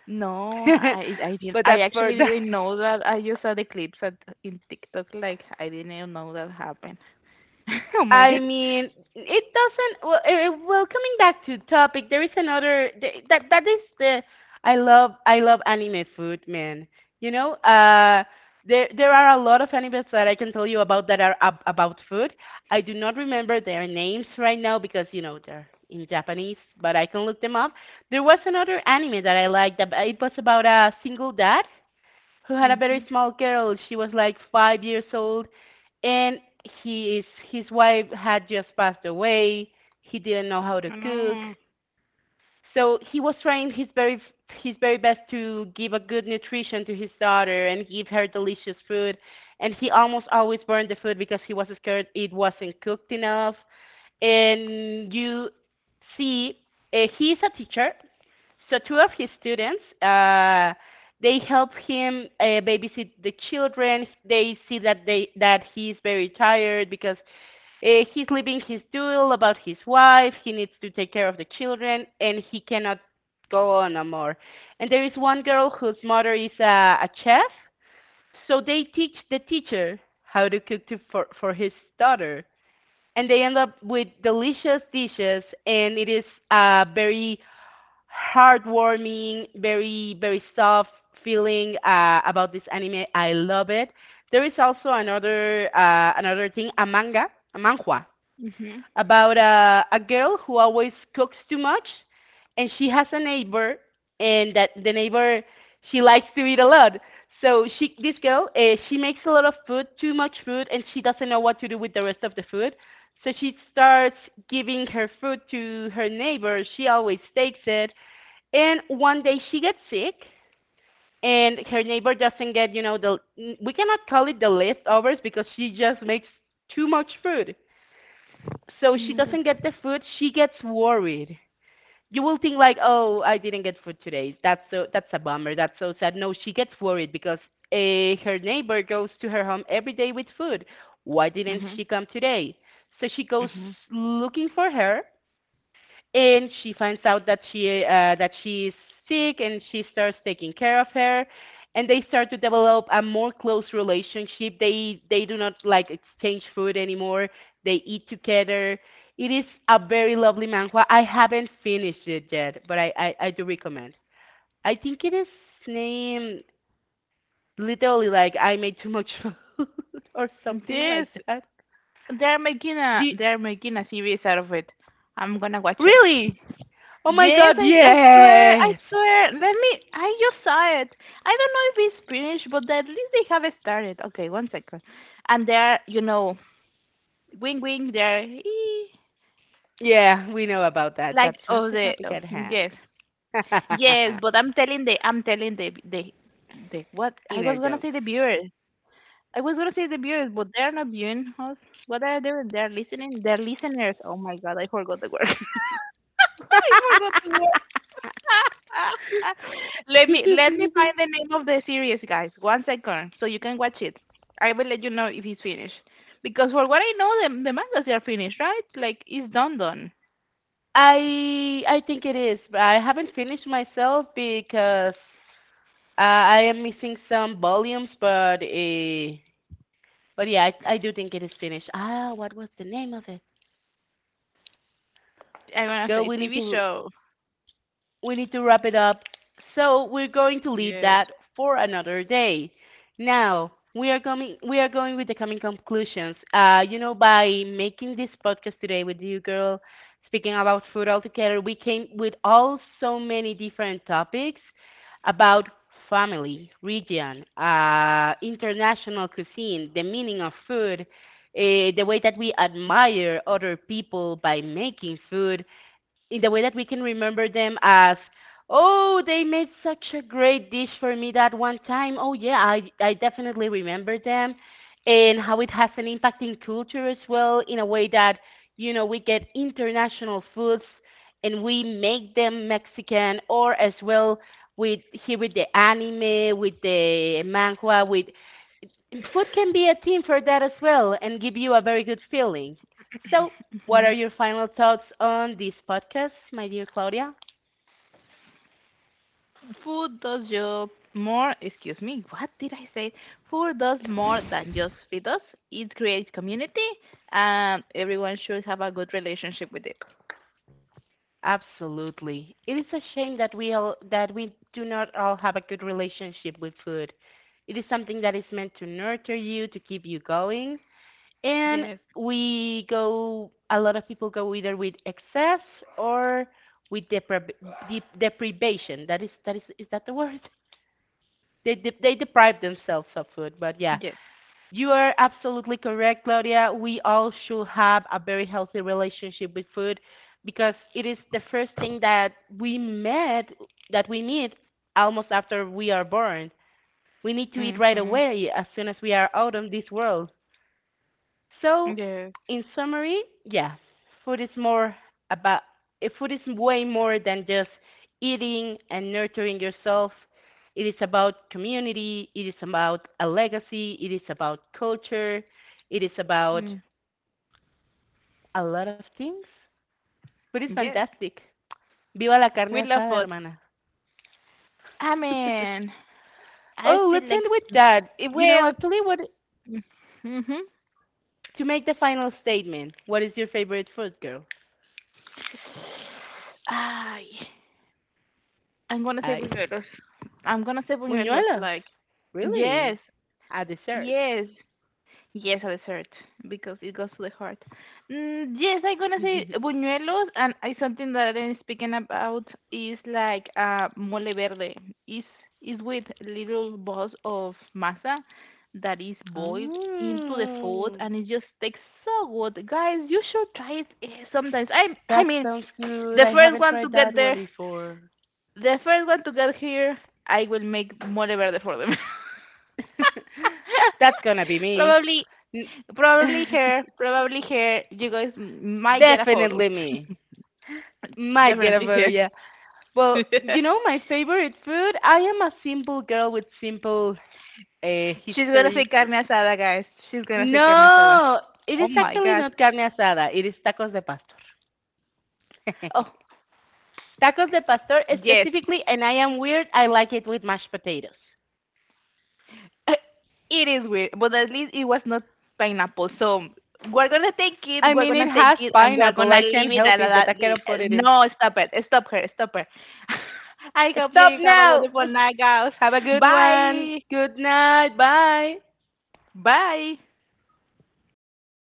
[SPEAKER 2] No, I didn't.
[SPEAKER 1] But
[SPEAKER 2] I
[SPEAKER 1] that's for
[SPEAKER 2] actually
[SPEAKER 1] that.
[SPEAKER 2] didn't know that. I just saw the clips at in TikTok. Like I didn't even know that happened. Oh my
[SPEAKER 1] I
[SPEAKER 2] god.
[SPEAKER 1] mean, it doesn't. Well, coming back to topic, there is another th- that that is the I love, anime food, man. You know, there are a lot of animes that I can tell you about that are about food. I do not remember their names right now because you know they're in Japanese, but I can look them up. There was another anime that I liked. It was about a single dad who had a very
[SPEAKER 2] Mhm.
[SPEAKER 1] small girl. She was like 5 years old, and he is his wife had just passed away. He didn't know how to
[SPEAKER 2] I
[SPEAKER 1] cook,
[SPEAKER 2] know.
[SPEAKER 1] so he was trying his very best to give a good nutrition to his daughter and give her delicious food. And he almost always burned the food because he was scared it wasn't cooked enough, and you see, he's a teacher. So two of his students, they help him babysit the children. They see that they that he's very tired because he's living his duel about his wife. He needs to take care of the children, and he cannot go on no more. And there is one girl whose mother is a chef, so they teach the teacher how to for his daughter, and they end up with delicious dishes. And it is a very heartwarming, very, very soft feeling about this anime. I love it. There is also another thing, a manga, a manhwa,
[SPEAKER 2] Mhm.
[SPEAKER 1] about a girl who always cooks too much, and she has a neighbor, and that the neighbor, she likes to eat a lot. So this girl, she makes a lot of food, too much food, and she doesn't know what to do with the rest of the food. So she starts giving her food to her neighbor. She always takes it, and one day she gets sick, and her neighbor doesn't get the we cannot call it the leftovers because she just makes too much food. So
[SPEAKER 2] Oh
[SPEAKER 1] she
[SPEAKER 2] my god.
[SPEAKER 1] doesn't get the food. She gets worried. You will think like, "Oh, I didn't get food today. That's so that's a bummer. That's so sad." No, she gets worried because her neighbor goes to her home every day with food. Why didn't
[SPEAKER 2] Mhm.
[SPEAKER 1] she come today? So she goes
[SPEAKER 2] Mhm.
[SPEAKER 1] looking for her, and she finds out that she is sick, and she starts taking care of her. And they start to develop a more close relationship. They do not like exchange food anymore. They eat together. It is a very lovely manhwa. I haven't finished it yet, but I do recommend. I think it is named literally like "I Made Too Much Food" or something
[SPEAKER 2] Yes,
[SPEAKER 1] like that.
[SPEAKER 2] they're making
[SPEAKER 1] Do
[SPEAKER 2] a
[SPEAKER 1] you-
[SPEAKER 2] they're making a series out of it. I'm gonna watch it.
[SPEAKER 1] really? Oh my
[SPEAKER 2] Yes,
[SPEAKER 1] god,
[SPEAKER 2] I swear I
[SPEAKER 1] yes.
[SPEAKER 2] swear. Let me. I just saw it. I don't know if it's finished, but at least they have started. Okay, 1 second. And they're wing wing. They're. "Ee."
[SPEAKER 1] Yeah, we know about that.
[SPEAKER 2] Like
[SPEAKER 1] That's not
[SPEAKER 2] oh
[SPEAKER 1] the
[SPEAKER 2] the
[SPEAKER 1] topic
[SPEAKER 2] oh,
[SPEAKER 1] at hand.
[SPEAKER 2] yes yes, but I'm telling the the what I was
[SPEAKER 1] Inner
[SPEAKER 2] gonna say
[SPEAKER 1] jokes.
[SPEAKER 2] the viewers. I was gonna say the viewers, but they're not viewing us. What are they doing? They're listening. They're listeners. Oh my god, I forgot the word. I forgot the word. Let me find the name of the series, guys. 1 second, so you can watch it. I will let you know if it's finished. Because for what I know, the mangas are finished, right? Like it's done done.
[SPEAKER 1] I think it is, but I haven't finished myself because I am missing some volumes. But yeah, I do think it is finished. Ah, what was the name of it?
[SPEAKER 2] I'm gonna
[SPEAKER 1] Girl,
[SPEAKER 2] say TV show.
[SPEAKER 1] we need to wrap it up. So we're going to leave
[SPEAKER 2] Yes.
[SPEAKER 1] that for another day. Now we are coming. We are going with the coming conclusions. You know, by making this podcast today with you, girl, speaking about food altogether, we came with all so many different topics about family, region, international cuisine, the meaning of food, the way that we admire other people by making food, in the way that we can remember them as, "Oh, they made such a great dish for me that one time. Oh yeah, I definitely remember them." And how it has an impact in culture as well, in a way that, you know, we get international foods and we make them Mexican, or as well with, here with the anime, with the manga, with, food can be a theme for that as well and give you a very good feeling. So, what
[SPEAKER 2] Mm-hmm.
[SPEAKER 1] are your final thoughts on this podcast, my dear Claudia?
[SPEAKER 2] Food does just more, excuse me, what did I say? Food does more than just feed us. It creates community, and everyone should have a good relationship with it.
[SPEAKER 1] Absolutely. It is a shame that we do not all have a good relationship with food. It is something that is meant to nurture you, to keep you going, and
[SPEAKER 2] Yes,
[SPEAKER 1] we go a lot of people go either with excess or with deprivation. That is is that the word? They deprive themselves of food. But yeah,
[SPEAKER 2] yes.
[SPEAKER 1] you are absolutely correct, Claudia. We all should have a very healthy relationship with food because it is the first thing that we met, that we need, almost after we are born. We need to eat right
[SPEAKER 2] Mm-hmm.
[SPEAKER 1] away as soon as we are out of this world. So
[SPEAKER 2] Yes.
[SPEAKER 1] in summary, yeah, food is more about, food is way more than just eating and nurturing yourself. It is about community, it is about a legacy, it is about culture, it is about
[SPEAKER 2] Mm.
[SPEAKER 1] a lot of things. Food is
[SPEAKER 2] Yes,
[SPEAKER 1] fantastic. Viva la carne
[SPEAKER 2] we love
[SPEAKER 1] asada,
[SPEAKER 2] food.
[SPEAKER 1] hermana.
[SPEAKER 2] I mean, I
[SPEAKER 1] Oh,
[SPEAKER 2] still
[SPEAKER 1] let's end
[SPEAKER 2] like,
[SPEAKER 1] with that.
[SPEAKER 2] it
[SPEAKER 1] You know,
[SPEAKER 2] well,
[SPEAKER 1] actually, what,
[SPEAKER 2] mm-hmm.
[SPEAKER 1] to make the final statement, what is your favorite food, girl?
[SPEAKER 2] Ay, I'm gonna say
[SPEAKER 1] I.
[SPEAKER 2] buñuelos. I'm gonna say buñuelos,
[SPEAKER 1] Muñuelos.
[SPEAKER 2] like, yes,
[SPEAKER 1] Really? A dessert.
[SPEAKER 2] yes, yes, a dessert because it goes to the heart. Mm, yes, I'm gonna say buñuelos, and I, something that I'm speaking about is like mole verde. Is is with little balls of masa that is boiled into the food,
[SPEAKER 1] Oh,
[SPEAKER 2] and it just tastes so good. Guys, you should try it sometimes. I
[SPEAKER 1] that
[SPEAKER 2] mean,
[SPEAKER 1] sounds good.
[SPEAKER 2] the
[SPEAKER 1] I
[SPEAKER 2] first
[SPEAKER 1] haven't
[SPEAKER 2] one to
[SPEAKER 1] tried
[SPEAKER 2] get
[SPEAKER 1] that one
[SPEAKER 2] there,
[SPEAKER 1] before.
[SPEAKER 2] the first one to get here, I will make mole verde for them.
[SPEAKER 1] That's gonna be me.
[SPEAKER 2] Probably
[SPEAKER 1] N-
[SPEAKER 2] Probably here. Probably here. You guys m- might get a photo.
[SPEAKER 1] Definitely me. Might get a
[SPEAKER 2] Definitely
[SPEAKER 1] photo,
[SPEAKER 2] here.
[SPEAKER 1] yeah. Well, you know my favorite food? I am a simple girl with simple
[SPEAKER 2] She's gonna say
[SPEAKER 1] history.
[SPEAKER 2] carne asada, guys. She's gonna say carne asada.
[SPEAKER 1] No, it
[SPEAKER 2] Oh
[SPEAKER 1] is
[SPEAKER 2] my
[SPEAKER 1] actually
[SPEAKER 2] god.
[SPEAKER 1] not carne asada. It is tacos de pastor.
[SPEAKER 2] Oh
[SPEAKER 1] Tacos de pastor
[SPEAKER 2] yes,
[SPEAKER 1] specifically, and I am weird. I like it with mashed potatoes.
[SPEAKER 2] it is weird, but at least it was not pineapple. So we're gonna take it.
[SPEAKER 1] I
[SPEAKER 2] We're
[SPEAKER 1] mean, it
[SPEAKER 2] gonna take
[SPEAKER 1] has
[SPEAKER 2] it, and we're
[SPEAKER 1] pineapple.
[SPEAKER 2] gonna
[SPEAKER 1] I
[SPEAKER 2] leave
[SPEAKER 1] can't
[SPEAKER 2] it at
[SPEAKER 1] help it that
[SPEAKER 2] that.
[SPEAKER 1] I cannot put it in.
[SPEAKER 2] No, stop it. Stop her. Stop her. I hope
[SPEAKER 1] Stop
[SPEAKER 2] you have a
[SPEAKER 1] now!
[SPEAKER 2] wonderful night, guys.
[SPEAKER 1] Have a good one.
[SPEAKER 2] Bye.
[SPEAKER 1] Good night. Bye.
[SPEAKER 2] Bye.